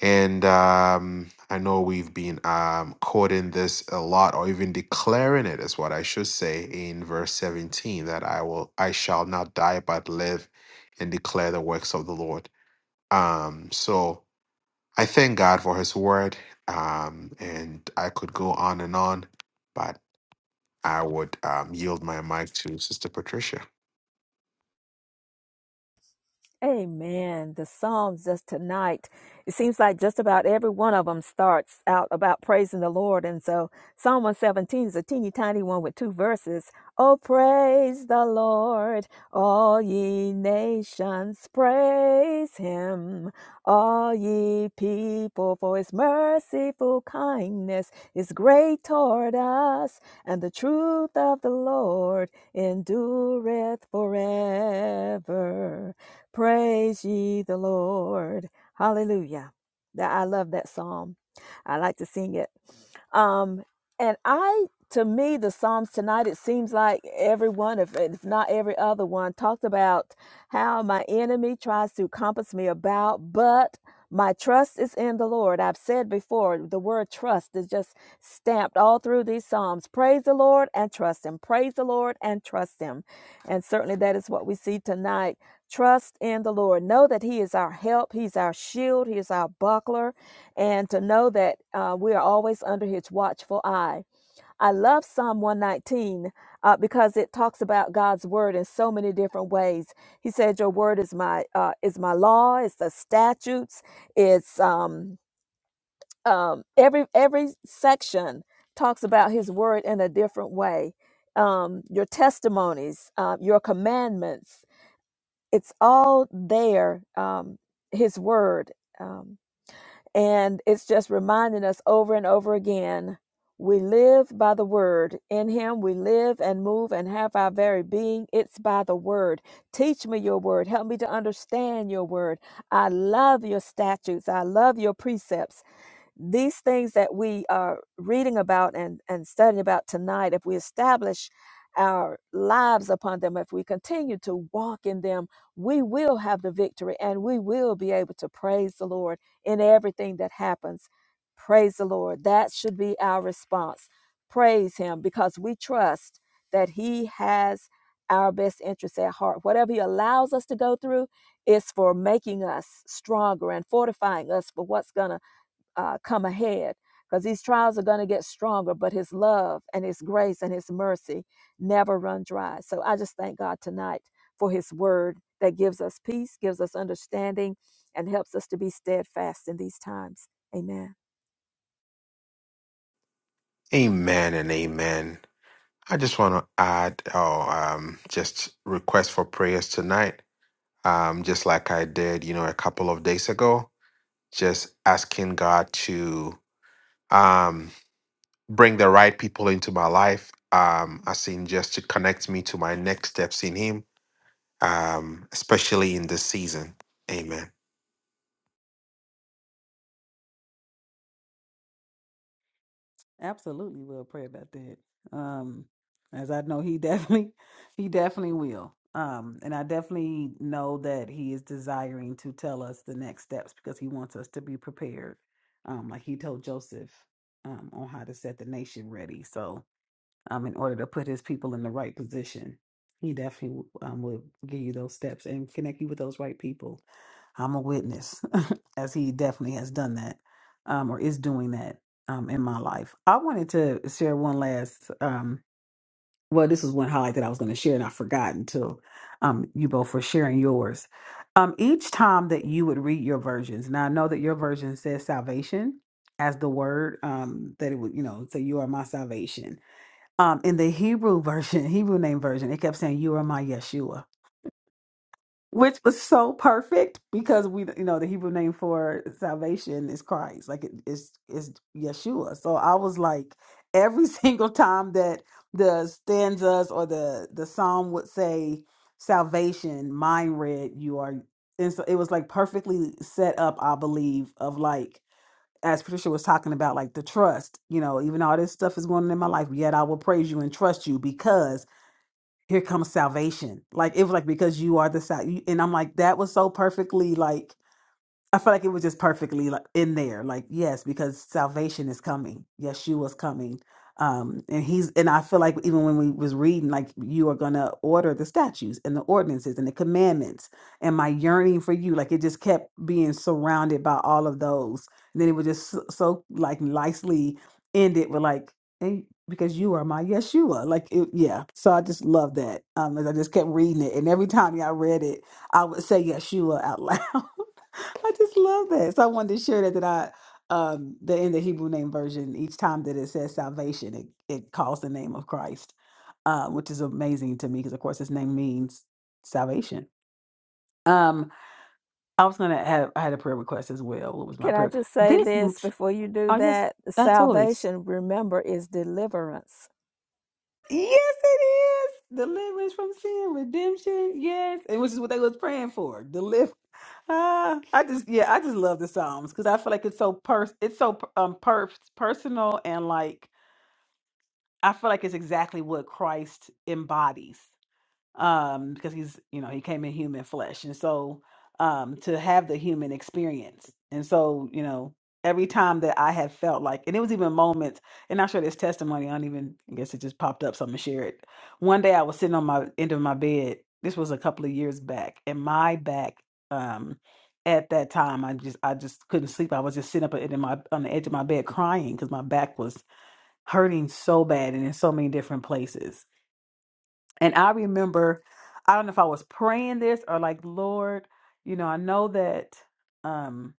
[SPEAKER 2] And um, I know we've been um, quoting this a lot, or even declaring it is what I should say in verse 17, that I will, I shall not die but live and declare the works of the Lord. Um, so I thank God for His Word, um, and I could go on and on, but I would um, yield my mic to Sister Patricia.
[SPEAKER 3] Amen. The Psalms just tonight, it seems like just about every one of them starts out about praising the Lord. And so Psalm 117 is a teeny tiny one with two verses. Oh, praise the Lord, all ye nations, praise him. All ye people, for his merciful kindness is great toward us, and the truth of the Lord endureth forever. Praise ye the Lord. Hallelujah. That I love that psalm. I like to sing it um, and I, to me, the Psalms tonight, it seems like every one, if, if not every other one, talked about how my enemy tries to compass me about, but my trust is in the Lord. I've said before, the word trust is just stamped all through these Psalms. Praise the Lord and trust Him. Praise the Lord and trust Him. And certainly that is what we see tonight. Trust in the Lord. Know that He is our help, He's our shield, He is our buckler and to know that uh, we are always under his watchful eye. I love Psalm 119 uh, because it talks about God's word in so many different ways. He said, "Your word is my uh, is my law. It's the statutes. It's um, um, every every section talks about His word in a different way. Um, your testimonies, uh, your commandments. It's all there. Um, his word." Um, and it's just reminding us over and over again we live by the word. In him we live and move and have our very being. It's by the word. Teach me your word. Help me to understand your word. I love your statutes. I love your precepts these things that we are reading about and, and studying about tonight, if we establish our lives upon them, if we continue to walk in them, we will have the victory and we will be able to praise the Lord in everything that happens. Praise the Lord. That should be our response. Praise Him because we trust that He has our best interests at heart. Whatever He allows us to go through is for making us stronger and fortifying us for what's going to uh, come ahead because these trials are going to get stronger, but His love and His grace and His mercy never run dry. So I just thank God tonight for His word that gives us peace, gives us understanding, and helps us to be steadfast in these times. Amen.
[SPEAKER 2] Amen and amen. I just want to add, oh, um, just request for prayers tonight, um, just like I did, you know, a couple of days ago, just asking God to um, bring the right people into my life, um, as in just to connect me to my next steps in Him um, especially in this season. Amen.
[SPEAKER 1] Absolutely will pray about that. Um as I know he definitely [laughs] he definitely will. Um and I definitely know that he is desiring to tell us the next steps because he wants us to be prepared. Um like he told Joseph um on how to set the nation ready. So um in order to put his people in the right position, he definitely um will give you those steps and connect you with those right people. I'm a witness, [laughs] as he definitely has done that, um, or is doing that um, in my life. I wanted to share one last. Um, well, this was one highlight that I was going to share, and I forgot until um, you both were sharing yours. Um, each time that you would read your versions, now I know that your version says salvation as the word um, that it would, you know, say you are my salvation. Um, in the Hebrew version, [laughs] Hebrew name version, it kept saying you are my Yeshua which was so perfect because we you know the hebrew name for salvation is christ like it is is yeshua so i was like every [laughs] single time that the stanzas or the the psalm would say salvation mine read you are and so it was like perfectly set up i believe of like as patricia was talking about like the trust you know even all this stuff is going on in my life yet i will praise you and trust you because here comes salvation. Like it was like because you are the sal. And I'm like that was so perfectly like I feel like it was just perfectly like in there. Like, yes, because salvation is coming. Yeshua's coming. Um, and he's and I feel like even when we was reading, like you are gonna order the statutes and the ordinances and the commandments and my yearning for you, like it just kept being surrounded by all of those. And then it would just so, so like nicely end it with like, and because you are my Yeshua. Like it, yeah. So I just love that. Um, and I just kept reading it. And every time y'all read it, I would say Yeshua out loud. [laughs] I just love that. So I wanted to share that that I um that in the Hebrew name version, each time that it says salvation, it, it calls the name of Christ, uh, which is amazing to me because of course his name means salvation. Um, I was gonna have I had a prayer request as well. What was my
[SPEAKER 3] Can I
[SPEAKER 1] prayer?
[SPEAKER 3] just say
[SPEAKER 1] This m-
[SPEAKER 3] this before you do
[SPEAKER 1] oh yes,
[SPEAKER 3] that?
[SPEAKER 1] absolutely.
[SPEAKER 3] Salvation, remember, is deliverance
[SPEAKER 1] Yes, it is. Deliverance from sin, redemption. Yes, and which is what they was praying for. Deliver. Ah, I just yeah, I just love the Psalms because I feel like it's so pers it's so um per- personal and like I feel like it's exactly what Christ embodies um because he's you know he came in human flesh and so um to have the human experience and so you know every time that i have felt like and it was even moments and i'll share this testimony i don't even i guess it just popped up so i'm gonna share it one day i was sitting on my end of my bed this was a couple of years back and my back um at that time i just i just couldn't sleep i was just sitting up in my on the edge of my bed crying because my back was hurting so bad and in so many different places and I remember, I don't know if I was praying this or like, Lord, you know, I know that um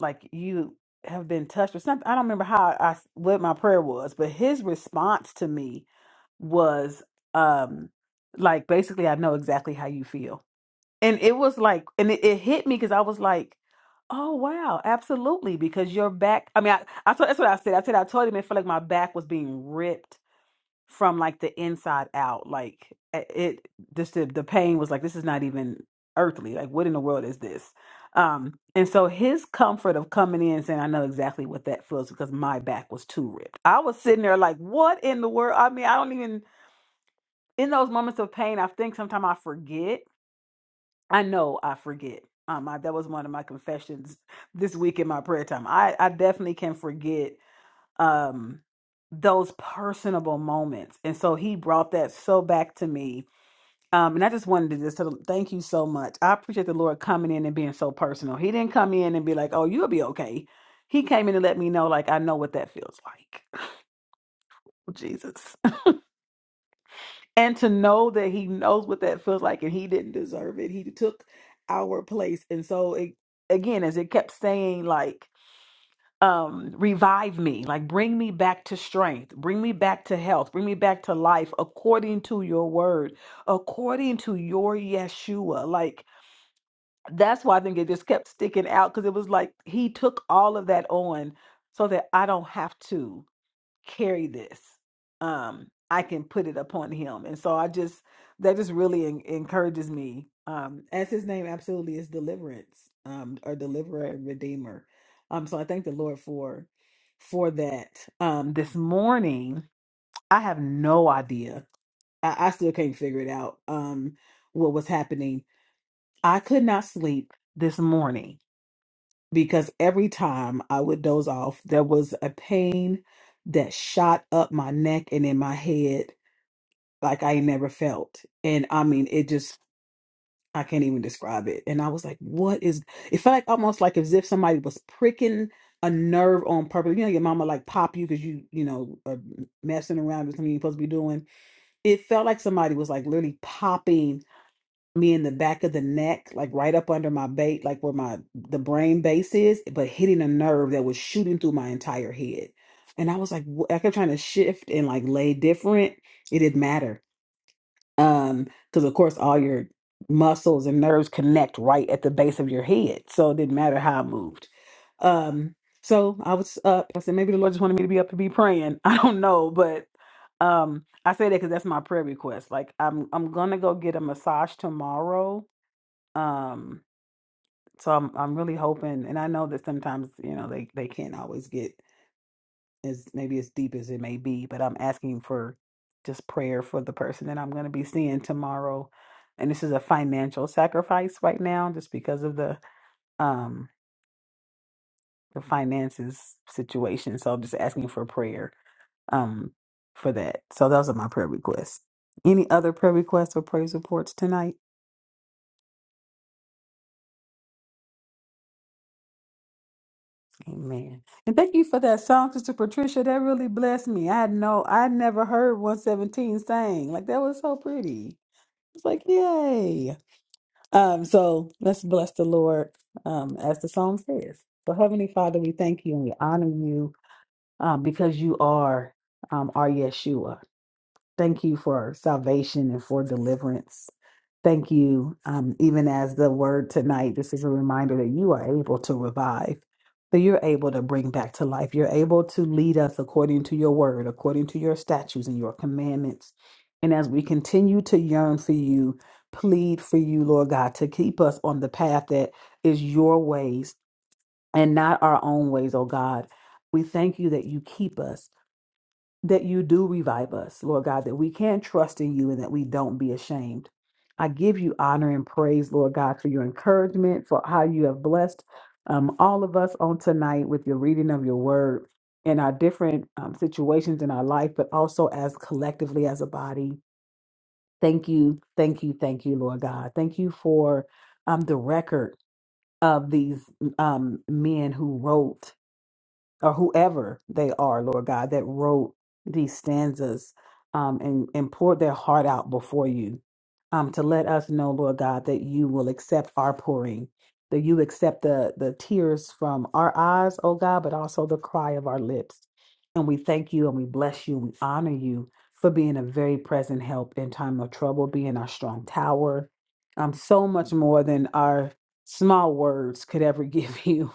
[SPEAKER 1] like you have been touched or something. I don't remember how I what my prayer was, but his response to me was um like basically I know exactly how you feel. And it was like and it, it hit me because I was like, Oh wow, absolutely. Because your back I mean I, I told that's what I said. I said I told him it felt like my back was being ripped from like the inside out. Like it, it just the, the pain was like this is not even earthly. Like what in the world is this? Um, and so his comfort of coming in and saying, I know exactly what that feels because my back was too ripped. I was sitting there like, what in the world? I mean, I don't even in those moments of pain, I think sometimes I forget. I know I forget. Um, I, that was one of my confessions this week in my prayer time. I, I definitely can forget um those personable moments and so he brought that so back to me um and i just wanted to just sort of thank you so much i appreciate the lord coming in and being so personal he didn't come in and be like oh you'll be okay he came in and let me know like i know what that feels like [laughs] jesus and to know that he knows what that feels like and he didn't deserve it he took our place and so it again as it kept saying like um revive me like bring me back to strength bring me back to health bring me back to life according to your word according to your yeshua like that's why i think it just kept sticking out because it was like he took all of that on so that i don't have to carry this. Um, I can put it upon him. And so I just, that just really en- encourages me. Um, as his name absolutely is deliverance, um, or deliverer and redeemer. Um, so I thank the Lord for, for that. Um, this morning, I have no idea. I, I still can't figure it out. Um, what was happening. I could not sleep this morning because every time I would doze off, there was a pain that shot up my neck and in my head like I ain't never felt. And I mean, it just, I can't even describe it. And I was like, what is, it felt like almost like as if somebody was pricking a nerve on purpose. You know, your mama like pop you because you, you know, are messing around with something you're supposed to be doing. It felt like somebody was like literally popping me in the back of the neck, like right up under my bait, like where my the brain base is, but hitting a nerve that was shooting through my entire head. And I was like, wh- I kept trying to shift and like lay different. It didn't matter. Um, because of course all your muscles and nerves connect right at the base of your head. So it didn't matter how I moved. Um, so I was up. I said, maybe the Lord just wanted me to be up to be praying. [laughs] I don't know, but um I say that because that's my prayer request. Like I'm I'm gonna go get a massage tomorrow um, so I'm I'm really hoping, and I know that sometimes, you know, they they can't always get as maybe as deep as it may be, but I'm asking for just prayer for the person that I'm going to be seeing tomorrow. And this is a financial sacrifice right now just because of the um the finances situation. So I'm just asking for prayer um for that. So those are my prayer requests. Any other prayer requests or praise reports tonight? Amen. And thank you for that song, Sister Patricia. That really blessed me. I had no, I never heard 117 sang. Like that was so pretty. It's like, yay. Um, so let's bless the Lord um as the song says. So Heavenly Father, we thank you and we honor you um because you are um our Yeshua. Thank you for salvation and for deliverance. Thank you, um, even as the word tonight, this is a reminder that you are able to revive, that you're able to bring back to life. You're able to lead us according to your word, according to your statutes and your commandments. And as we continue to yearn for you, plead for you, Lord God, to keep us on the path that is your ways and not our own ways, oh God. We thank you that you keep us that you do revive us, Lord God, that we can trust in you and that we don't be ashamed. I give you honor and praise, Lord God, for your encouragement, for how you have blessed um, all of us on tonight with your reading of your word in our different um, situations in our life, but also as collectively as a body. Thank you, thank you, thank you, Lord God. Thank you for um, the record of these um, men who wrote or whoever they are, Lord God, that wrote these stanzas um, and, and poured their heart out before you, um, to let us know, Lord God, that you will accept our pouring, that you accept the, the tears from our eyes, oh God, but also the cry of our lips. And we thank you and we bless you and we honor you for being a very present help in time of trouble, being our strong tower, um, so much more than our small words could ever [laughs] give you.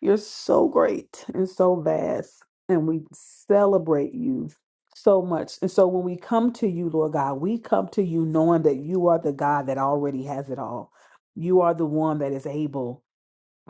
[SPEAKER 1] You're so great and so vast, and we celebrate you so much. And so when we come to you, Lord God, we come to you knowing that you are the God that already has it all. You are the one that is able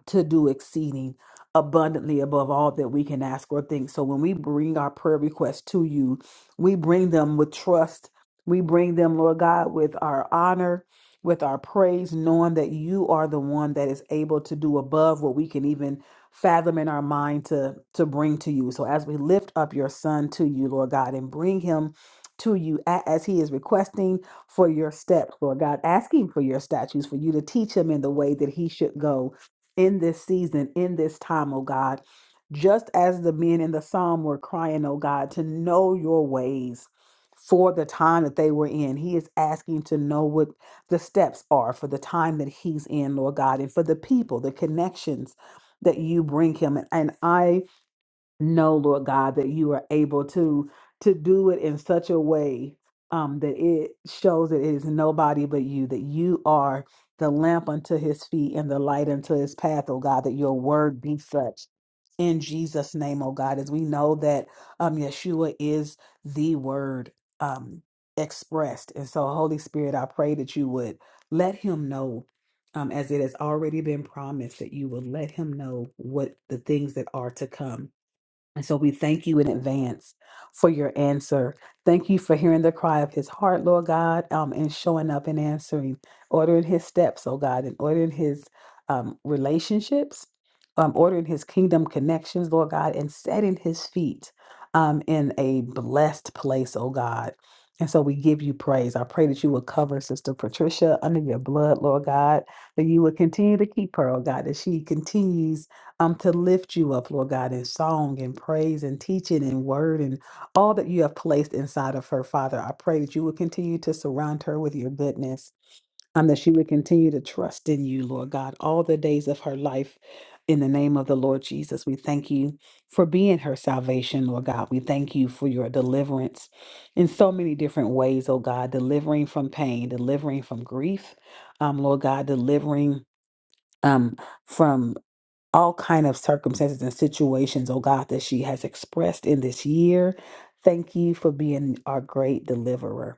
[SPEAKER 1] to do exceeding abundantly above all that we can ask or think. So when we bring our prayer requests to you, we bring them with trust. We bring them, Lord God, with our honor, with our praise, knowing that you are the one that is able to do above what we can even fathom in our mind to to bring to you. So as we lift up your son to you, Lord God, and bring him to you a- as he is requesting for your steps, Lord God, asking for your statutes, for you to teach him in the way that he should go in this season, in this time, oh God. Just as the men in the psalm were crying, oh God, to know your ways for the time that they were in. He is asking to know what the steps are for the time that he's in, Lord God, and for the people, the connections that you bring him. And, and I know, Lord God, that you are able to to do it in such a way um, that it shows that it is nobody but you, that you are the lamp unto his feet and the light unto his path, oh God, that your word be such. In Jesus' name, oh God, as we know that um, Yeshua is the word um, expressed. And so, Holy Spirit, I pray that you would let him know, um, as it has already been promised, that you will let him know what the things that are to come and so we thank you in advance for your answer. Thank you for hearing the cry of his heart, Lord God, um, and showing up and answering, ordering his steps, oh God, and ordering his um, relationships, um, ordering his kingdom connections, Lord God, and setting his feet um, in a blessed place, oh God. And so we give you praise. I pray that you will cover Sister Patricia under your blood, Lord God, that you will continue to keep her, oh God, that she continues um, to lift you up, Lord God, in song and praise and teaching and word and all that you have placed inside of her, Father. I pray that you would continue to surround her with your goodness, um, that she would continue to trust in you, Lord God, all the days of her life. In the name of the Lord Jesus, we thank you for being her salvation, Lord God. We thank you for your deliverance in so many different ways, oh God, delivering from pain, delivering from grief, um, Lord God, delivering um, from all kind of circumstances and situations, oh God, that she has expressed in this year. Thank you for being our great deliverer.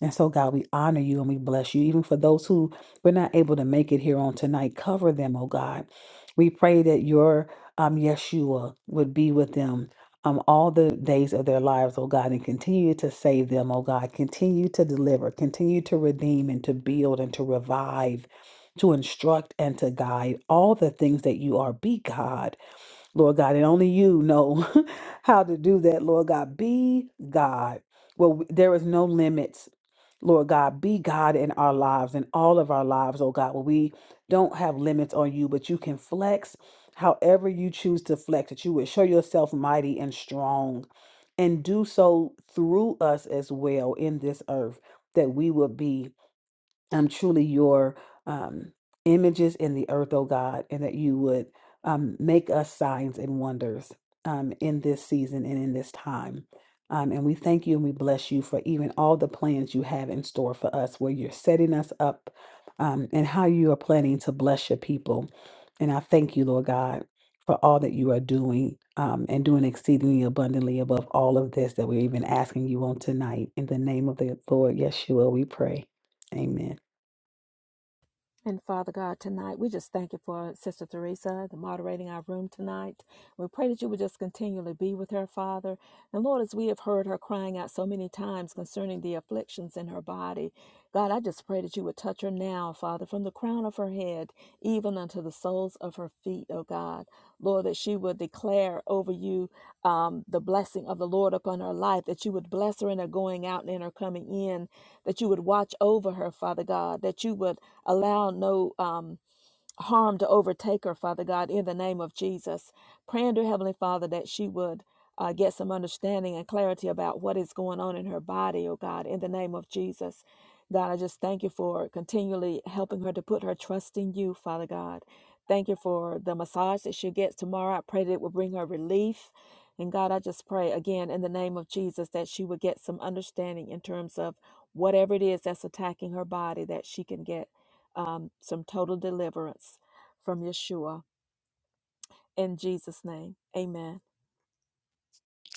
[SPEAKER 1] And so, God, we honor you and we bless you. Even for those who were not able to make it here on tonight, cover them, oh God. We pray that your um, Yeshua would be with them um, all the days of their lives, oh God, and continue to save them, oh God. Continue to deliver, continue to redeem and to build and to revive to instruct and to guide all the things that you are. Be God, Lord God, and only you know [laughs] how to do that, Lord God. Be God. Well, w- there is no limits, Lord God. Be God in our lives, in all of our lives, oh God, where we don't have limits on you, but you can flex however you choose to flex, that you would show yourself mighty and strong and do so through us as well in this earth, that we would be um, truly your um, images in the earth, oh God, and that you would um, make us signs and wonders um, in this season and in this time. Um, and we thank you and we bless you for even all the plans you have in store for us, where you're setting us up um, and how you are planning to bless your people. And I thank you, Lord God, for all that you are doing um, and doing exceedingly abundantly above all of this that we're even asking you on tonight. In the name of the Lord Yeshua, we pray. Amen.
[SPEAKER 3] And Father God, tonight, we just thank you for Sister Teresa, the moderating our room tonight. We pray that you would just continually be with her, Father. And Lord, as we have heard her crying out so many times concerning the afflictions in her body, God, I just pray that you would touch her now, Father, from the crown of her head even unto the soles of her feet, O God. Lord, that she would declare over you um, the blessing of the Lord upon her life, that you would bless her in her going out and in her coming in, that you would watch over her, Father God, that you would allow no um, harm to overtake her, Father God, in the name of Jesus. Praying to Heavenly Father that she would uh, get some understanding and clarity about what is going on in her body, oh God, in the name of Jesus. God, I just thank you for continually helping her to put her trust in you, Father God. Thank you for the massage that she gets tomorrow. I pray that it will bring her relief. And God, I just pray again in the name of Jesus that she would get some understanding in terms of whatever it is that's attacking her body that she can get um, some total deliverance from Yeshua. In Jesus' name, amen.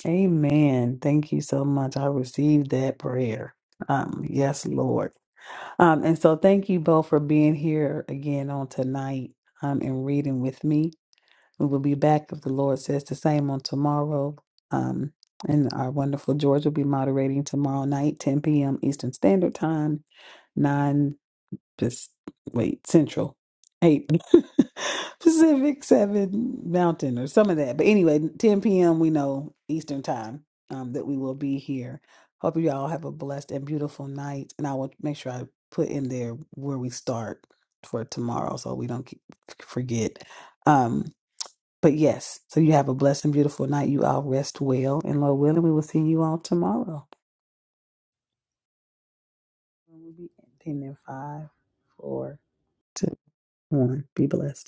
[SPEAKER 1] Amen. Thank you so much. I received that prayer. Um, yes, Lord. Um, and so thank you both for being here again on tonight um, and reading with me. We will be back if the Lord says the same on tomorrow. Um, and our wonderful George will be moderating tomorrow night, 10 p.m. Eastern Standard Time, Pac- wait, Central, eight [laughs] Pacific, seven Mountain, or some of that. But anyway, 10 p.m. we know Eastern time um, that we will be here. Hope you all have a blessed and beautiful night. And I will make sure I put in there where we start for tomorrow so we don't keep, forget. Um, but yes, so you have a blessed and beautiful night. You all rest well and Lord willing, we will see you all tomorrow. We'll be ending in five, four, two, one. Be blessed.